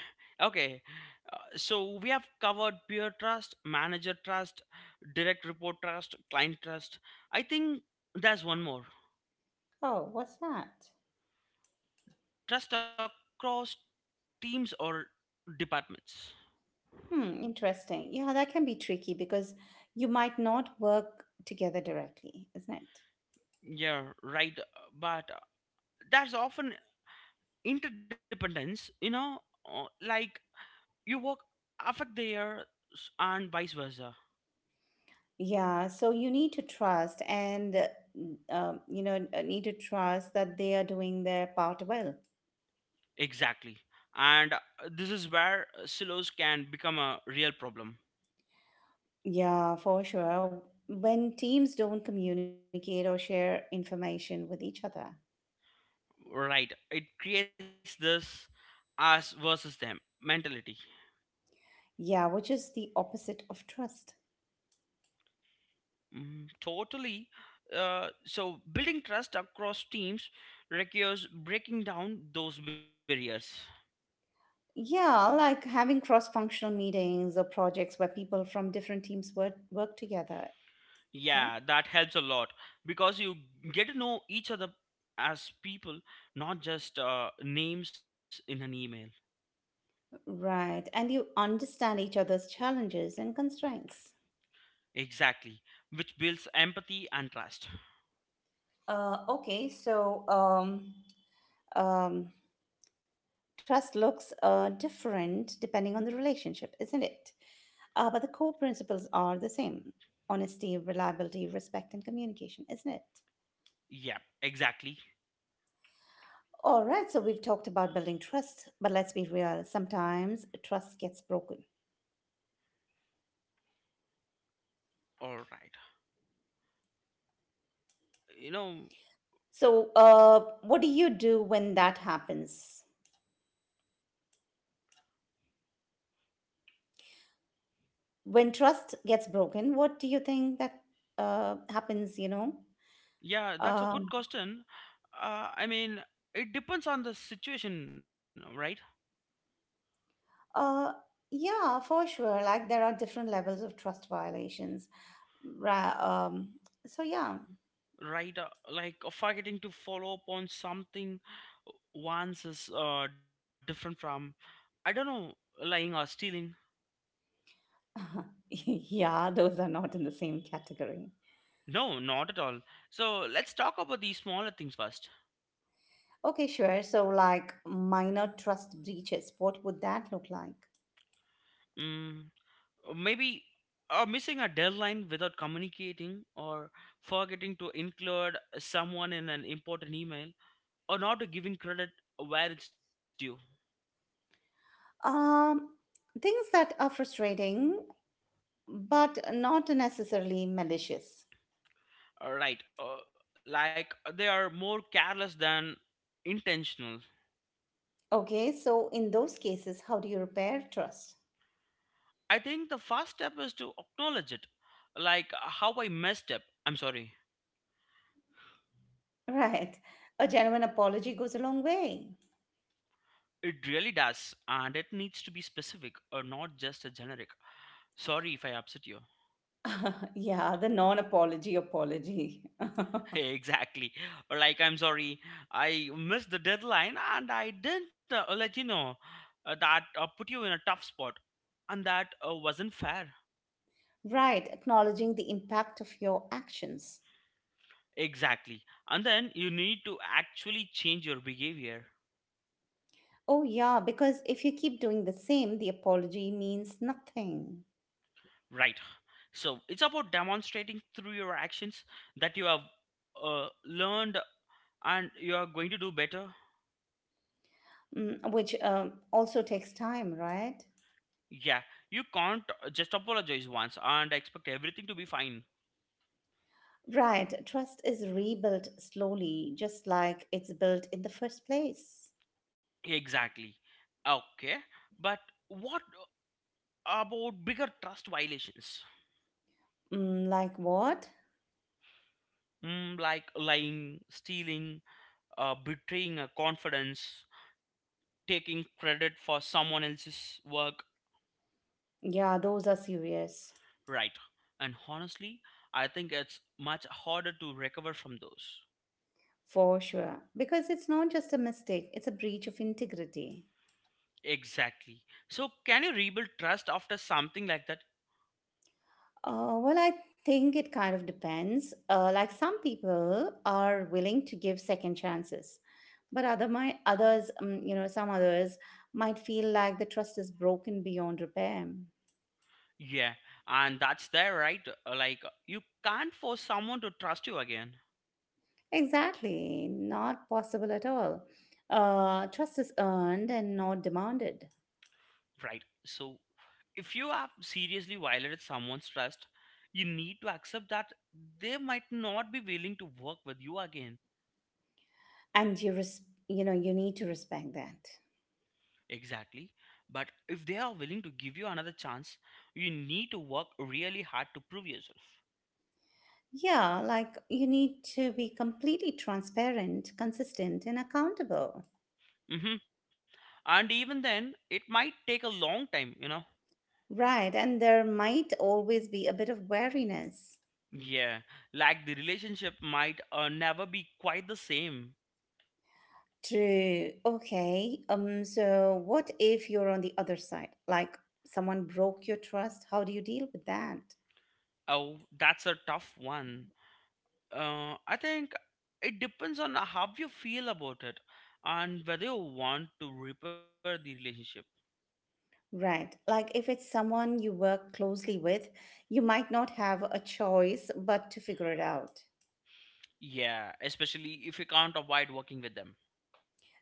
[SPEAKER 2] Okay. So we have covered peer trust, manager trust, direct report trust, client trust. I think there's one more.
[SPEAKER 1] Oh, what's that?
[SPEAKER 2] Trust across teams or departments.
[SPEAKER 1] Hmm, interesting. Yeah, that can be tricky because you might not work together directly, isn't it?
[SPEAKER 2] Yeah, right. But there's often interdependence, you know, like you work affect theirs and vice versa.
[SPEAKER 1] Yeah, so you need to trust and, need to trust that they are doing their part well.
[SPEAKER 2] Exactly. And this is where silos can become a real problem.
[SPEAKER 1] Yeah, for sure. When teams don't communicate or share information with each other,
[SPEAKER 2] Right. It creates this us versus them mentality.
[SPEAKER 1] yeah, which is the opposite of trust.
[SPEAKER 2] Mm, totally. So building trust across teams requires breaking down those barriers.
[SPEAKER 1] Yeah, like having cross-functional meetings or projects where people from different teams work together. Yeah,
[SPEAKER 2] Yeah, that helps a lot because you get to know each other as people, not just names in an email.
[SPEAKER 1] right. And you understand each other's challenges and constraints.
[SPEAKER 2] Exactly, which builds empathy and trust.
[SPEAKER 1] Okay, so um, trust looks different depending on the relationship, isn't it? But the core principles are the same: honesty, reliability, respect, and communication, isn't it?
[SPEAKER 2] Yeah, exactly.
[SPEAKER 1] All right, so we've talked about building trust, but let's be real. Sometimes trust gets broken.
[SPEAKER 2] All right. You know,
[SPEAKER 1] So, what do you do when that happens? When trust gets broken, what do you think that happens? You know,
[SPEAKER 2] yeah, that's a good
[SPEAKER 1] um,
[SPEAKER 2] question. I mean, it depends on the situation, right?
[SPEAKER 1] uh, yeah, for sure. Like there are different levels of trust violations. Ra- Um, so yeah,
[SPEAKER 2] Right, like forgetting to follow up on something once is different from, I don't know, lying or stealing.
[SPEAKER 1] yeah, those are not in the same category.
[SPEAKER 2] No, not at all. So let's talk about these smaller things first.
[SPEAKER 1] Okay, sure. So, like minor trust breaches, what would that look like?
[SPEAKER 2] mm, Maybe missing a deadline without communicating, or forgetting to include someone in an important email, or not giving credit where it's due.
[SPEAKER 1] Um, things that are frustrating, but not necessarily malicious.
[SPEAKER 2] All right, like they are more careless than intentional.
[SPEAKER 1] Okay, so in those cases, how do you repair trust?
[SPEAKER 2] I think the first step is to acknowledge it, like, how I messed up. I'm sorry.
[SPEAKER 1] Right. A genuine apology goes a long way.
[SPEAKER 2] It really does, and it needs to be specific, or not just a generic. Sorry if I upset you.
[SPEAKER 1] Yeah, the non apology apology.
[SPEAKER 2] Exactly. Or like, I'm sorry, I missed the deadline and I didn't let you know, that put you in a tough spot, and that wasn't fair.
[SPEAKER 1] Right, acknowledging the impact of your actions.
[SPEAKER 2] Exactly. And then you need to actually change your behavior.
[SPEAKER 1] Oh, yeah, because if you keep doing the same, the apology means nothing.
[SPEAKER 2] Right. So it's about demonstrating through your actions that you have learned and you are going to do better.
[SPEAKER 1] Mm, which also takes time, right?
[SPEAKER 2] Yeah, you can't just apologize once and expect everything to be fine.
[SPEAKER 1] Right, trust is rebuilt slowly, just like it's built in the first place.
[SPEAKER 2] Exactly. Okay, but what about bigger trust violations?
[SPEAKER 1] Mm, like what?
[SPEAKER 2] Mm, like lying, stealing, betraying a confidence, taking credit for someone else's work.
[SPEAKER 1] Yeah, those are serious.
[SPEAKER 2] Right. And honestly, I think it's much harder to recover from those.
[SPEAKER 1] For sure, because it's not just a mistake, it's a breach of integrity.
[SPEAKER 2] Exactly. So, can you rebuild trust after something like that?
[SPEAKER 1] Well, I think it kind of depends. Like some people are willing to give second chances, but others, some others might feel like the trust is broken beyond repair.
[SPEAKER 2] Yeah. And that's there, right? Like, you can't force someone to trust you again.
[SPEAKER 1] Exactly, not possible at all. Trust is earned and not demanded,
[SPEAKER 2] Right. So, if you have seriously violated someone's trust, you need to accept that they might not be willing to work with you again.
[SPEAKER 1] and you know you need to respect that.
[SPEAKER 2] Exactly. But if they are willing to give you another chance, you need to work really hard to prove yourself.
[SPEAKER 1] Yeah, like you need to be completely transparent, consistent, and accountable.
[SPEAKER 2] Mm-hmm. And even then, it might take a long time, you know.
[SPEAKER 1] Right. And there might always be a bit of wariness.
[SPEAKER 2] Yeah, like the relationship might never be quite the same.
[SPEAKER 1] True. Okay. So what if you're on the other side? Like someone broke your trust, how do you deal with that?
[SPEAKER 2] Oh, that's a tough one. I think it depends on how you feel about it and whether you want to repair the relationship.
[SPEAKER 1] Right. Like if it's someone you work closely with, you might not have a choice but to figure it out.
[SPEAKER 2] Yeah, especially if you can't avoid working with them.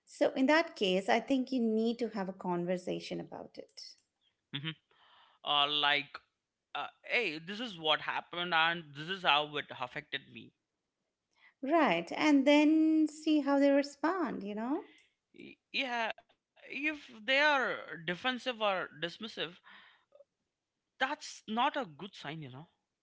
[SPEAKER 1] So in that case, I think you need to have a conversation about it.
[SPEAKER 2] Mm-hmm. Like, hey, this is what happened and this is how it affected me.
[SPEAKER 1] Right. And then see how they respond, you know?
[SPEAKER 2] Yeah, if they are defensive or dismissive, that's not a good sign, you know.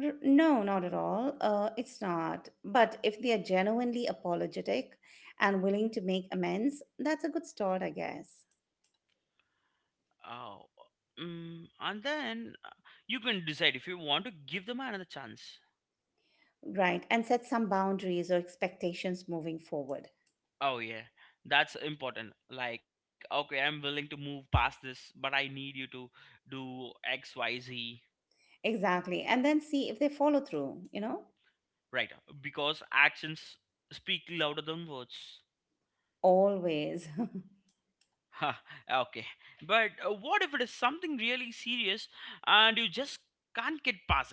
[SPEAKER 1] No, not at all. It's not. But if they are genuinely apologetic and willing to make amends, that's a good start, I guess.
[SPEAKER 2] Uh, and then you can decide if you want to give them another chance.
[SPEAKER 1] Right. And set some boundaries or expectations moving forward.
[SPEAKER 2] Oh, yeah, that's important. Like, okay, I'm willing to move past this, but I need you to do X, Y, Z.
[SPEAKER 1] Exactly. And then see if they follow through, you know?
[SPEAKER 2] Right, because actions speak louder than words.
[SPEAKER 1] Always.
[SPEAKER 2] Ha, okay. But what if it is something really serious and you just can't get past it?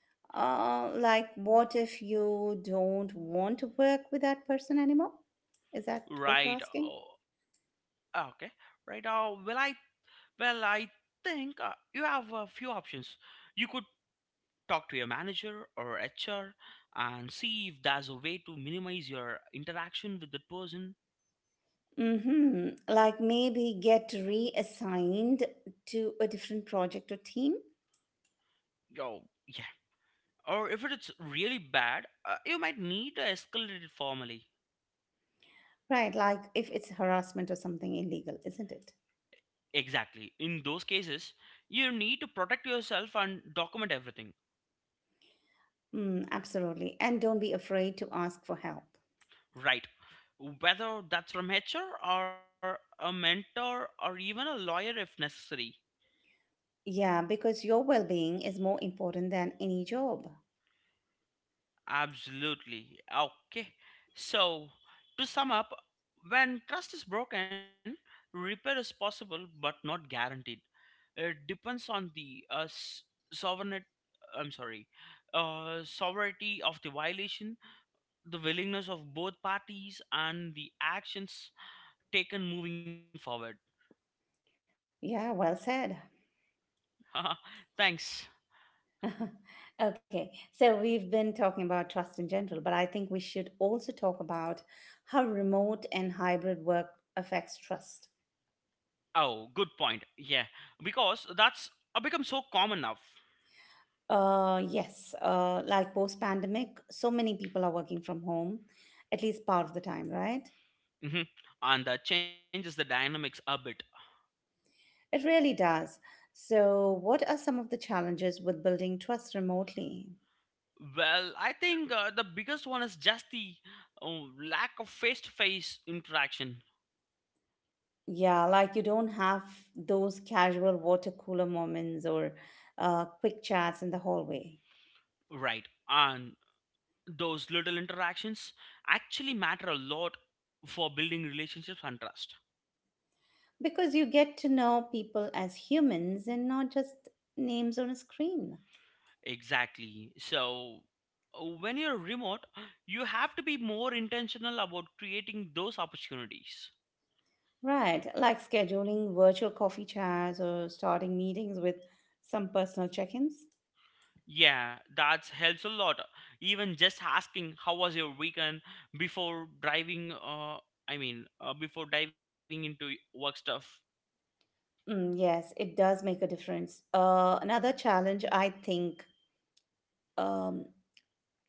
[SPEAKER 1] Like, what if you don't want to work with that person anymore? Is that what you're
[SPEAKER 2] Right.
[SPEAKER 1] asking?
[SPEAKER 2] Oh, okay. Right. Well, I think you have a few options. You could talk to your manager or HR and see if there's a way to minimize your interaction with that person.
[SPEAKER 1] Mm-hmm. Like maybe get reassigned to a different project or team.
[SPEAKER 2] Yo, yeah. Or if it's really bad, you might need to escalate it formally.
[SPEAKER 1] Right. Like if it's harassment or something illegal, isn't it?
[SPEAKER 2] Exactly. In those cases, you need to protect yourself and document everything.
[SPEAKER 1] Mm, absolutely. And don't be afraid to ask for help.
[SPEAKER 2] Right. Whether that's from HR or a mentor or even a lawyer if necessary.
[SPEAKER 1] Yeah, because your well being is more important than any job.
[SPEAKER 2] Absolutely. Okay. So, to sum up, when trust is broken, repair is possible but not guaranteed. It depends on the sovereignty. I'm sorry, sovereignty of the violation, the willingness of both parties, and the actions taken moving forward.
[SPEAKER 1] Yeah, well said.
[SPEAKER 2] Thanks.
[SPEAKER 1] Okay, so we've been talking about trust in general, but I think we should also talk about how remote and hybrid work affects trust.
[SPEAKER 2] Oh, good point. Yeah, because that's become so common now.
[SPEAKER 1] Yes, like post pandemic, so many people are working from home, at least part of the time, right?
[SPEAKER 2] Hmm. And that changes the dynamics a bit.
[SPEAKER 1] It really does. So, what are some of the challenges with building trust remotely?
[SPEAKER 2] Well, I think the biggest one is just the uh, lack of face-to-face interaction,
[SPEAKER 1] Yeah, like you don't have those casual water cooler moments or quick chats in the hallway
[SPEAKER 2] right? And those little interactions actually matter a lot for building relationships and trust.
[SPEAKER 1] because you get to know people as humans and not just names on a screen.
[SPEAKER 2] Exactly. So, when you're remote, you have to be more intentional about creating those opportunities.
[SPEAKER 1] Right, like scheduling virtual coffee chats or starting meetings with some personal check ins.
[SPEAKER 2] Yeah, that helps a lot. Even just asking how was your weekend before before diving into work stuff.
[SPEAKER 1] Mm, yes, it does make a difference. Another challenge, I think, um,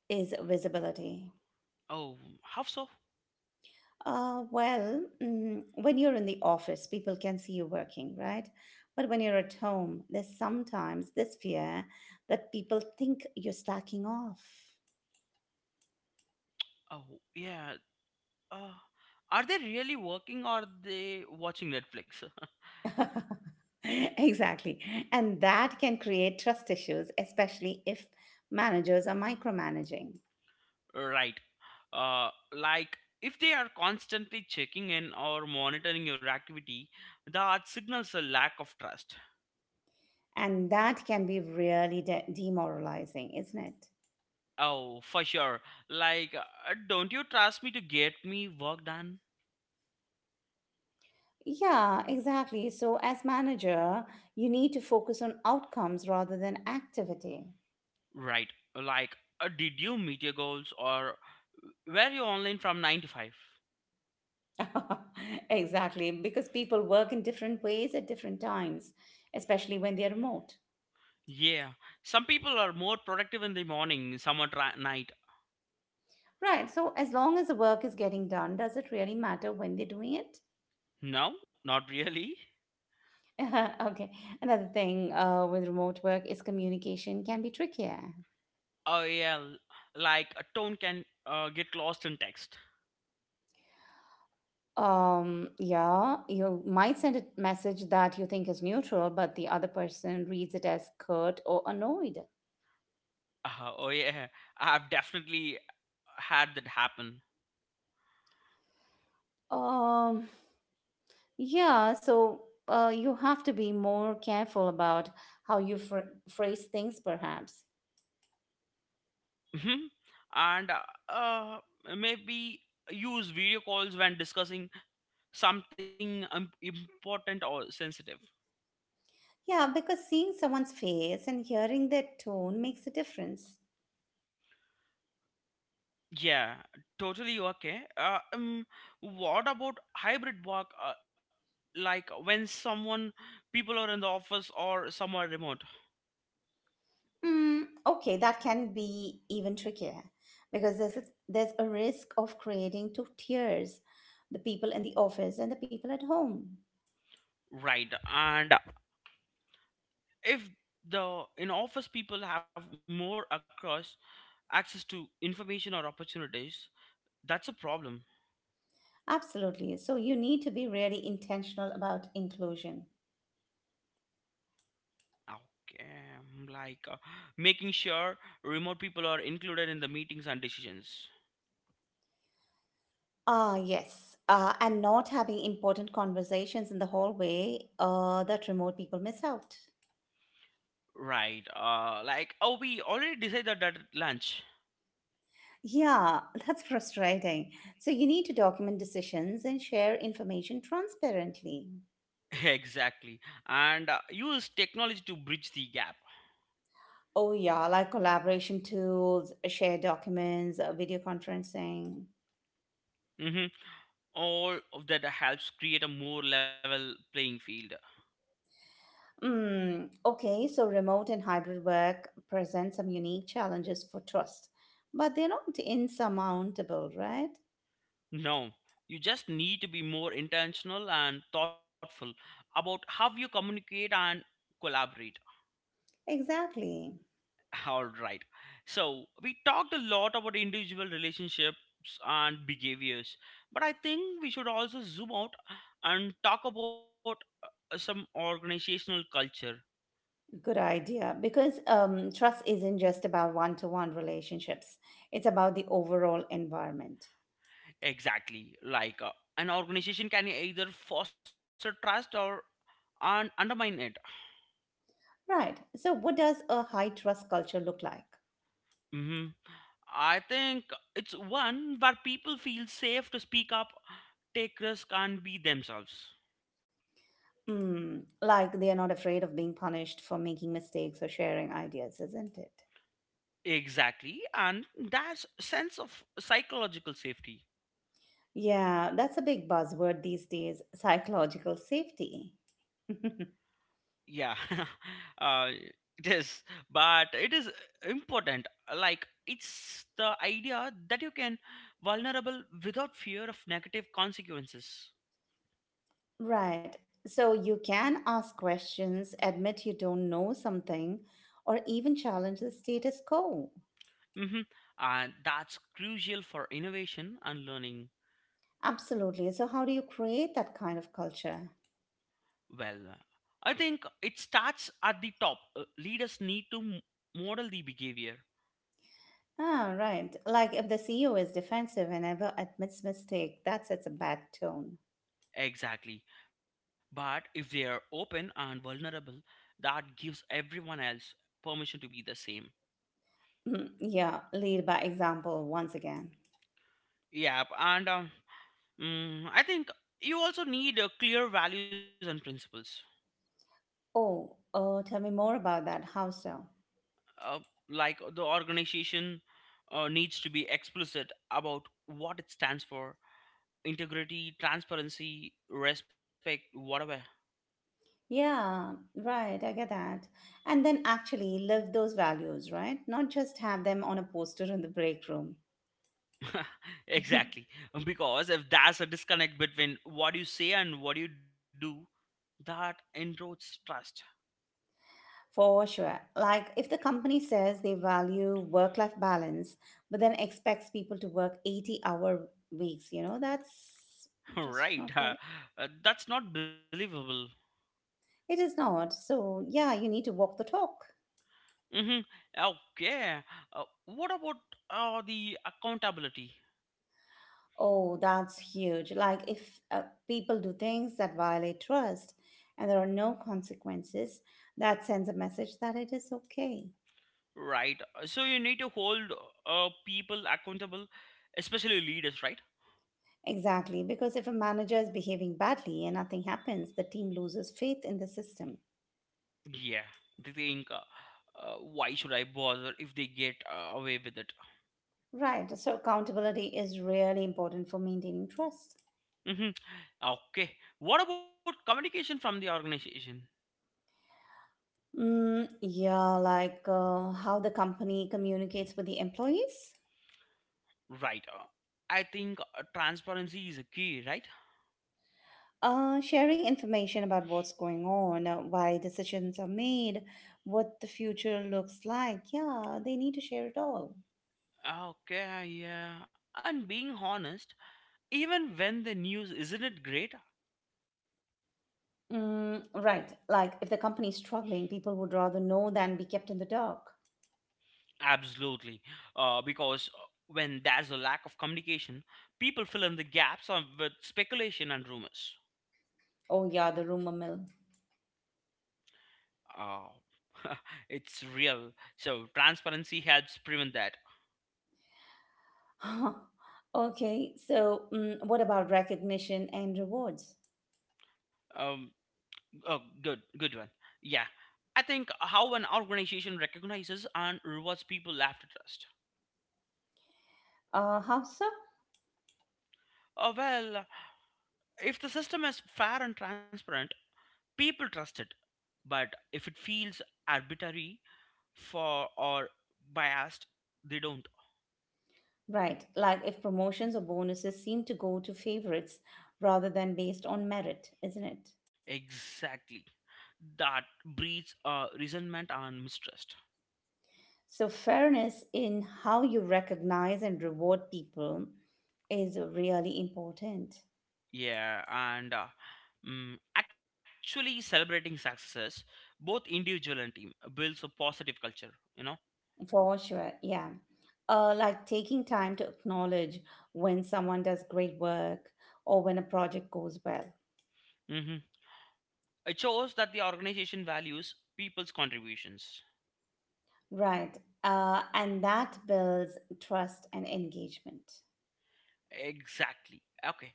[SPEAKER 1] is visibility.
[SPEAKER 2] Oh, how so?
[SPEAKER 1] Well, mm, when you're in the office, people can see you working, right? But when you're at home, there's sometimes this fear that people think you're slacking off.
[SPEAKER 2] Oh, yeah. Uh are they really working or are they watching Netflix?
[SPEAKER 1] Exactly. And that can create trust issues, especially if managers are micromanaging.
[SPEAKER 2] Right. Like if they are constantly checking in or monitoring your activity, that signals a lack of trust.
[SPEAKER 1] And that can be really demoralizing, isn't it?
[SPEAKER 2] Oh, for sure. Like, don't you trust me to get me work done?
[SPEAKER 1] Yeah, exactly. So, as manager, you need to focus on outcomes rather than activity.
[SPEAKER 2] Right. Like, did you meet your goals or were you online from 9 to 5?
[SPEAKER 1] Exactly, because people work in different ways at different times, especially when they're remote.
[SPEAKER 2] Yeah. Some people are more productive in the morning, some at night.
[SPEAKER 1] Right. So, as long as the work is getting done, does it really matter when they're doing it?
[SPEAKER 2] No, not really.
[SPEAKER 1] Okay. Another thing with remote work is communication can be trickier.
[SPEAKER 2] Oh, yeah. Like, a tone can get lost in text.
[SPEAKER 1] Yeah, you might send a message that you think is neutral, but the other person reads it as curt or annoyed.
[SPEAKER 2] Oh yeah, I've definitely had that happen.
[SPEAKER 1] Um, yeah, so you have to be more careful about how you phrase things, perhaps.
[SPEAKER 2] Mhm. and uh, Maybe use video calls when discussing something important or sensitive.
[SPEAKER 1] Yeah, because seeing someone's face and hearing their tone makes a difference.
[SPEAKER 2] Yeah, totally okay. What about hybrid work? Like when someone people are in the office or somewhere remote,
[SPEAKER 1] Mm, okay, that can be even trickier because there's a risk of creating two tiers, the people in the office and the people at home.
[SPEAKER 2] right? And if the in office people have more across access to information or opportunities, that's a problem.
[SPEAKER 1] Absolutely. So you need to be really intentional about inclusion.
[SPEAKER 2] Okay, like making sure remote people are included in the meetings and decisions.
[SPEAKER 1] Ah, yes. And not having important conversations in the hallway that remote people miss out.
[SPEAKER 2] Right. Like, oh, we already decided that at lunch.
[SPEAKER 1] Yeah, that's frustrating. So you need to document decisions and share information transparently.
[SPEAKER 2] Exactly, and use technology to bridge the gap.
[SPEAKER 1] Oh yeah, like collaboration tools, share documents, video conferencing.
[SPEAKER 2] Hmm. All of that helps create a more level playing field.
[SPEAKER 1] Mm, okay, so remote and hybrid work present some unique challenges for trust, but they're not insurmountable, right?
[SPEAKER 2] No, you just need to be more intentional and thoughtful about how you communicate and collaborate.
[SPEAKER 1] Exactly.
[SPEAKER 2] All right. So we talked a lot about individual relationships and behaviors, but I think we should also zoom out and talk about some organizational culture.
[SPEAKER 1] Good idea. Because trust isn't just about one to one relationships, it's about the overall environment.
[SPEAKER 2] Exactly. Like an organization can either foster trust or and undermine it.
[SPEAKER 1] Right. So, what does a high trust culture look like?
[SPEAKER 2] Hmm. I think it's one where people feel safe to speak up, take risk, and be themselves.
[SPEAKER 1] Mm, like they are not afraid of being punished for making mistakes or sharing ideas, isn't it?
[SPEAKER 2] Exactly, and that's sense of psychological safety.
[SPEAKER 1] Yeah, that's a big buzzword these days psychological safety.
[SPEAKER 2] Yeah. uh, it is it is, important, like it's the idea that you can vulnerable without fear of negative consequences.
[SPEAKER 1] Right. So you can ask questions, admit you don't know something, or even challenge the status quo.
[SPEAKER 2] Hmm. And that's crucial for innovation and learning.
[SPEAKER 1] Absolutely. So, how do you create that kind of culture?
[SPEAKER 2] Well, I think it starts at the top. Leaders need to model the behavior.
[SPEAKER 1] Ah, right. Like if the CEO is defensive and ever admits mistake, that sets a bad tone.
[SPEAKER 2] Exactly, but if they are open and vulnerable, that gives everyone else permission to be the same.
[SPEAKER 1] Hmm. Yeah, lead by example once again.
[SPEAKER 2] Yeah, and I think you also need clear values and principles.
[SPEAKER 1] Oh, oh, tell me more about that. How so?
[SPEAKER 2] Uh, the organization needs to be explicit about what it stands for: integrity, transparency, respect, whatever.
[SPEAKER 1] Yeah, right, I get that. And then actually live those values, right? Not just have them on a poster in the break room.
[SPEAKER 2] Exactly. Because if there's a disconnect between what you say and what you do, that erodes trust.
[SPEAKER 1] For sure. Like if the company says they value work-life balance, but then expects people to work 80-hour weeks, you know, that's just
[SPEAKER 2] Right.
[SPEAKER 1] not right.
[SPEAKER 2] That's not believable.
[SPEAKER 1] It is not. So, yeah, you need to walk the talk.
[SPEAKER 2] Mm-hmm. Okay. What about the accountability?
[SPEAKER 1] Oh, that's huge. Like if people do things that violate trust and there are no consequences, that sends a message that it is okay.
[SPEAKER 2] Right. So you need to hold people accountable, especially leaders, right?
[SPEAKER 1] Exactly, because if a manager is behaving badly and nothing happens, the team loses faith in the system.
[SPEAKER 2] Yeah. They think, why should I bother if they get away with it?
[SPEAKER 1] Right, so accountability is really important for maintaining trust.
[SPEAKER 2] Mm-hmm. Okay. What about communication from the organization?
[SPEAKER 1] Mm, yeah, like how the company communicates with the employees.
[SPEAKER 2] Right. I think transparency is a key, right?
[SPEAKER 1] Sharing information about what's going on, why decisions are made, what the future looks like. Yeah, they need to share it all.
[SPEAKER 2] Okay. Yeah. And being honest, even when the news isn't it great?
[SPEAKER 1] Mm, right. Like if the company is struggling, people would rather know than be kept in the dark.
[SPEAKER 2] Absolutely, because when there's a lack of communication, people fill in the gaps on, with speculation and rumors.
[SPEAKER 1] Oh, yeah, the rumor mill.
[SPEAKER 2] Uh, it's real. So transparency helps prevent that.
[SPEAKER 1] Okay, so mm, what about recognition and rewards?
[SPEAKER 2] Um, oh, good, good one. Yeah, I think how an organization recognizes and rewards people left to trust.
[SPEAKER 1] How so?
[SPEAKER 2] Well, if the system is fair and transparent, people trust it. But if it feels arbitrary for or biased, they don't.
[SPEAKER 1] Right. Like if promotions or bonuses seem to go to favorites rather than based on merit, isn't it?
[SPEAKER 2] Exactly. That breeds resentment and mistrust.
[SPEAKER 1] So, fairness in how you recognize and reward people is really important
[SPEAKER 2] Yeah, and actually celebrating success, both individual and team, builds a positive culture, you know?
[SPEAKER 1] for sure. Yeah. Like taking time to acknowledge when someone does great work or when a project goes well.
[SPEAKER 2] Hmm. It shows that the organization values people's contributions.
[SPEAKER 1] Right. And that builds trust and engagement.
[SPEAKER 2] Exactly. Okay.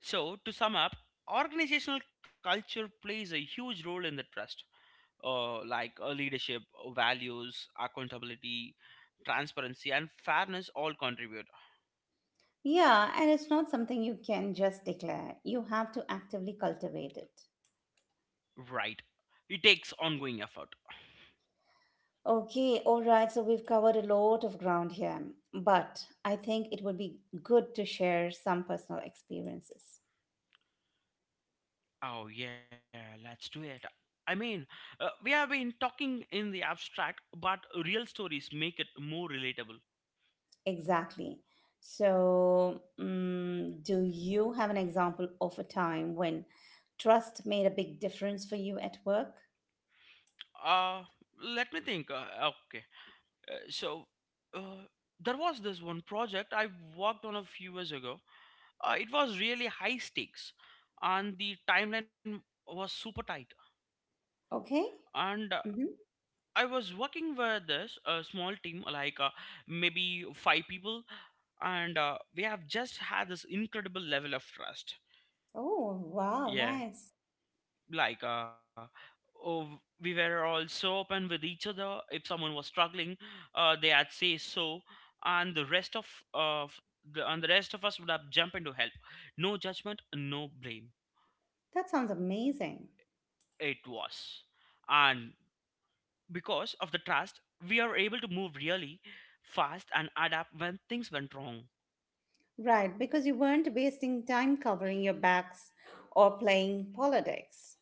[SPEAKER 2] So, to sum up, organizational culture plays a huge role in the trust. Like leadership, values, accountability, transparency, and fairness all contribute.
[SPEAKER 1] Yeah. And it's not something you can just declare, you have to actively cultivate it.
[SPEAKER 2] Right. It takes ongoing effort.
[SPEAKER 1] Okay, all right. So we've covered a lot of ground here, but I think it would be good to share some personal experiences.
[SPEAKER 2] Oh, yeah, let's do it. I mean, we have been talking in the abstract, but real stories make it more relatable.
[SPEAKER 1] Exactly. So, mm, do you have an example of a time when trust made a big difference for you at work?
[SPEAKER 2] Uh, let me think. Okay. So, uh, there was this one project I worked on a few years ago. It was really high stakes, and the timeline was super tight.
[SPEAKER 1] Okay.
[SPEAKER 2] And
[SPEAKER 1] Mm-hmm.
[SPEAKER 2] I was working with this a small team, like maybe five people, and we have just had this incredible level of trust.
[SPEAKER 1] Oh, wow,
[SPEAKER 2] Yeah,
[SPEAKER 1] nice.
[SPEAKER 2] like oh, we were all so open with each other. If someone was struggling, they had say so, and the rest of the and the rest of us would have jumped in to help. No judgment, no blame.
[SPEAKER 1] That sounds amazing.
[SPEAKER 2] It was, and because of the trust, we are able to move really fast and adapt when things went wrong.
[SPEAKER 1] Right, because you weren't wasting time covering your backs or playing politics.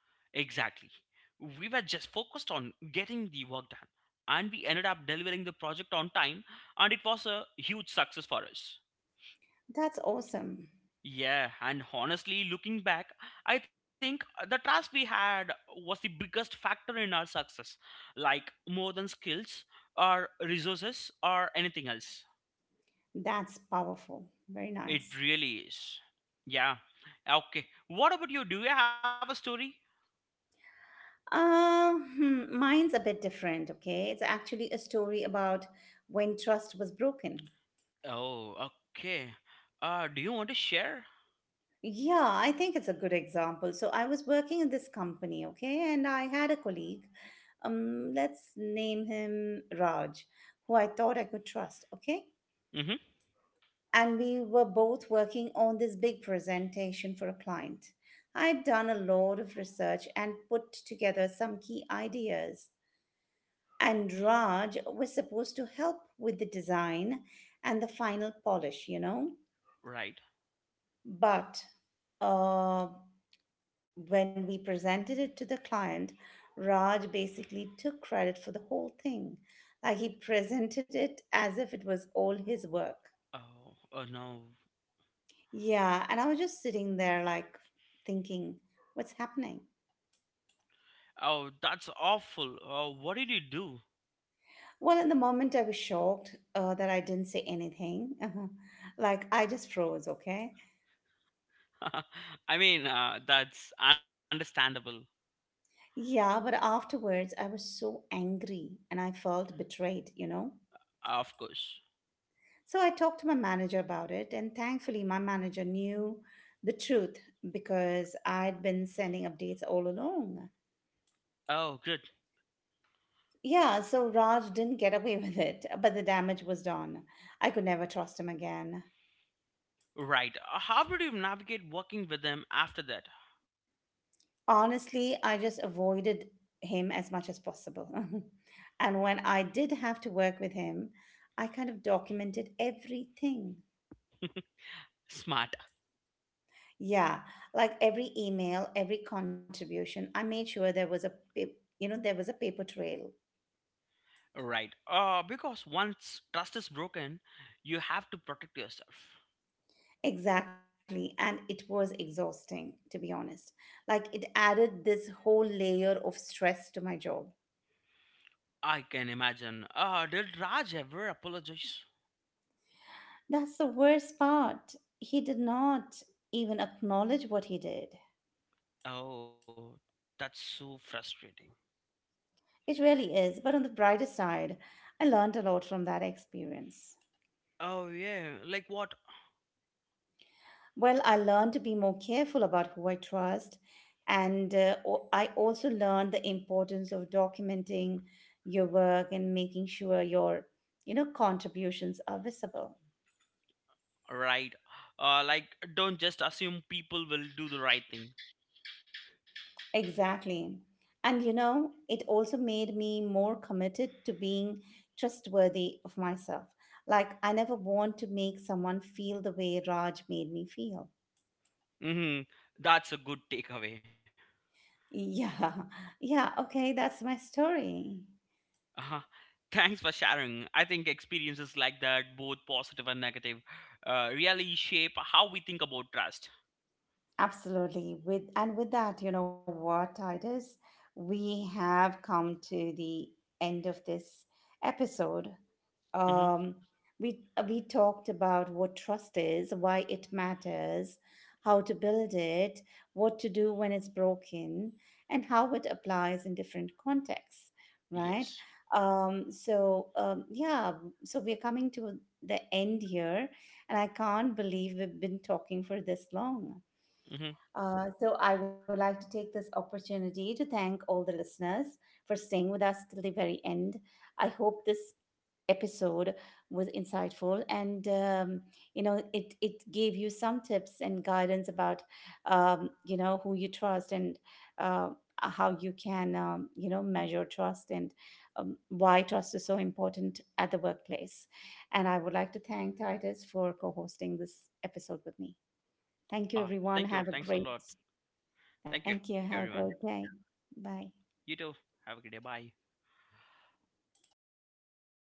[SPEAKER 2] Exactly. We were just focused on getting the work done, and we ended up delivering the project on time, and it was a huge success for us.
[SPEAKER 1] That's awesome.
[SPEAKER 2] Yeah, and honestly, looking back, I think the trust we had was the biggest factor in our success, like more than skills or resources or anything else.
[SPEAKER 1] That's powerful. Very
[SPEAKER 2] It
[SPEAKER 1] nice.
[SPEAKER 2] really is. Yeah. Okay. What about you? Do you have a story?
[SPEAKER 1] Mine's a bit different, okay? It's actually a story about when trust was broken.
[SPEAKER 2] Oh, okay. Do you want to share?
[SPEAKER 1] Yeah, I think it's a good example. So I was working in this company, okay, and I had a colleague. Let's name him Raj, who I thought I could trust, okay?
[SPEAKER 2] Mm-hmm.
[SPEAKER 1] And we were both working on this big presentation for a client. I'd done a lot of research and put together some key ideas. And Raj was supposed to help with the design and the final polish, you know.
[SPEAKER 2] Right.
[SPEAKER 1] But uh, when we presented it to the client, Raj basically took credit for the whole thing. Like he presented it as if it was all his work.
[SPEAKER 2] Oh, oh no.
[SPEAKER 1] Yeah, and I was just sitting there, like thinking, what's happening?
[SPEAKER 2] Oh, that's awful. Oh, what did you do?
[SPEAKER 1] Well, in the moment, I was shocked that I didn't say anything. Like, I just froze, okay?
[SPEAKER 2] I mean, that's understandable,
[SPEAKER 1] Yeah, but afterwards I was so angry and I felt betrayed, you know.
[SPEAKER 2] of course.
[SPEAKER 1] So I talked to my manager about it, and thankfully, my manager knew the truth because I'd been sending updates all along.
[SPEAKER 2] Oh, good.
[SPEAKER 1] Yeah, so Raj didn't get away with it, but the damage was done. I could never trust him again.
[SPEAKER 2] Right. How did you navigate working with them after that?
[SPEAKER 1] Honestly, I just avoided him as much as possible. And when I did have to work with him, I kind of documented everything.
[SPEAKER 2] Smart.
[SPEAKER 1] Yeah, like every email, every contribution, I made sure there was a you know there was a paper trail.
[SPEAKER 2] Right. Because once trust is broken, you have to protect yourself.
[SPEAKER 1] Exactly, and it was exhausting to be honest. Like it added this whole layer of stress to my job.
[SPEAKER 2] I can imagine. Did Raj ever apologize?
[SPEAKER 1] That's the worst part. He did not even acknowledge what he did.
[SPEAKER 2] Oh, that's so frustrating.
[SPEAKER 1] It really is, but on the brighter side, I learned a lot from that experience.
[SPEAKER 2] Oh, yeah. Like what?
[SPEAKER 1] Well, I learned to be more careful about who I trust. And I also learned the importance of documenting your work and making sure your, you know, contributions are visible.
[SPEAKER 2] Right. Like, don't just assume people will do the right thing.
[SPEAKER 1] Exactly. And, you know, it also made me more committed to being trustworthy of myself. Like, I never want to make someone feel the way Raj made me feel.
[SPEAKER 2] Mm-hmm. That's a good takeaway.
[SPEAKER 1] Yeah. Yeah. Okay. That's my story.
[SPEAKER 2] Uh-huh. Thanks for sharing. I think experiences like that, both positive and negative, really shape how we think about trust.
[SPEAKER 1] Absolutely. With and with that, you know what, Titus, we have come to the end of this episode.
[SPEAKER 2] Mm-hmm.
[SPEAKER 1] Um, we we talked about what trust is, why it matters, how to build it, what to do when it's broken, and how it applies in different contexts, right?
[SPEAKER 2] Yes.
[SPEAKER 1] So yeah, so we're coming to the end here, and I can't believe we've been talking for this long.
[SPEAKER 2] Mm-hmm.
[SPEAKER 1] So, I would like to take this opportunity to thank all the listeners for staying with us till the very end. I hope this episode was insightful and you know it gave you some tips and guidance about you know who you trust and uh, how you can you know measure trust and why trust is so important at the workplace and I would like to thank Titus for co-hosting this episode with me. Thank you
[SPEAKER 2] Uh,
[SPEAKER 1] everyone. Have a
[SPEAKER 2] Thank you.
[SPEAKER 1] great—
[SPEAKER 2] Thanks a lot.
[SPEAKER 1] Thank you.
[SPEAKER 2] Thank you,
[SPEAKER 1] Have a
[SPEAKER 2] everyone.
[SPEAKER 1] great day. Bye.
[SPEAKER 2] You too. Have a good day. Bye.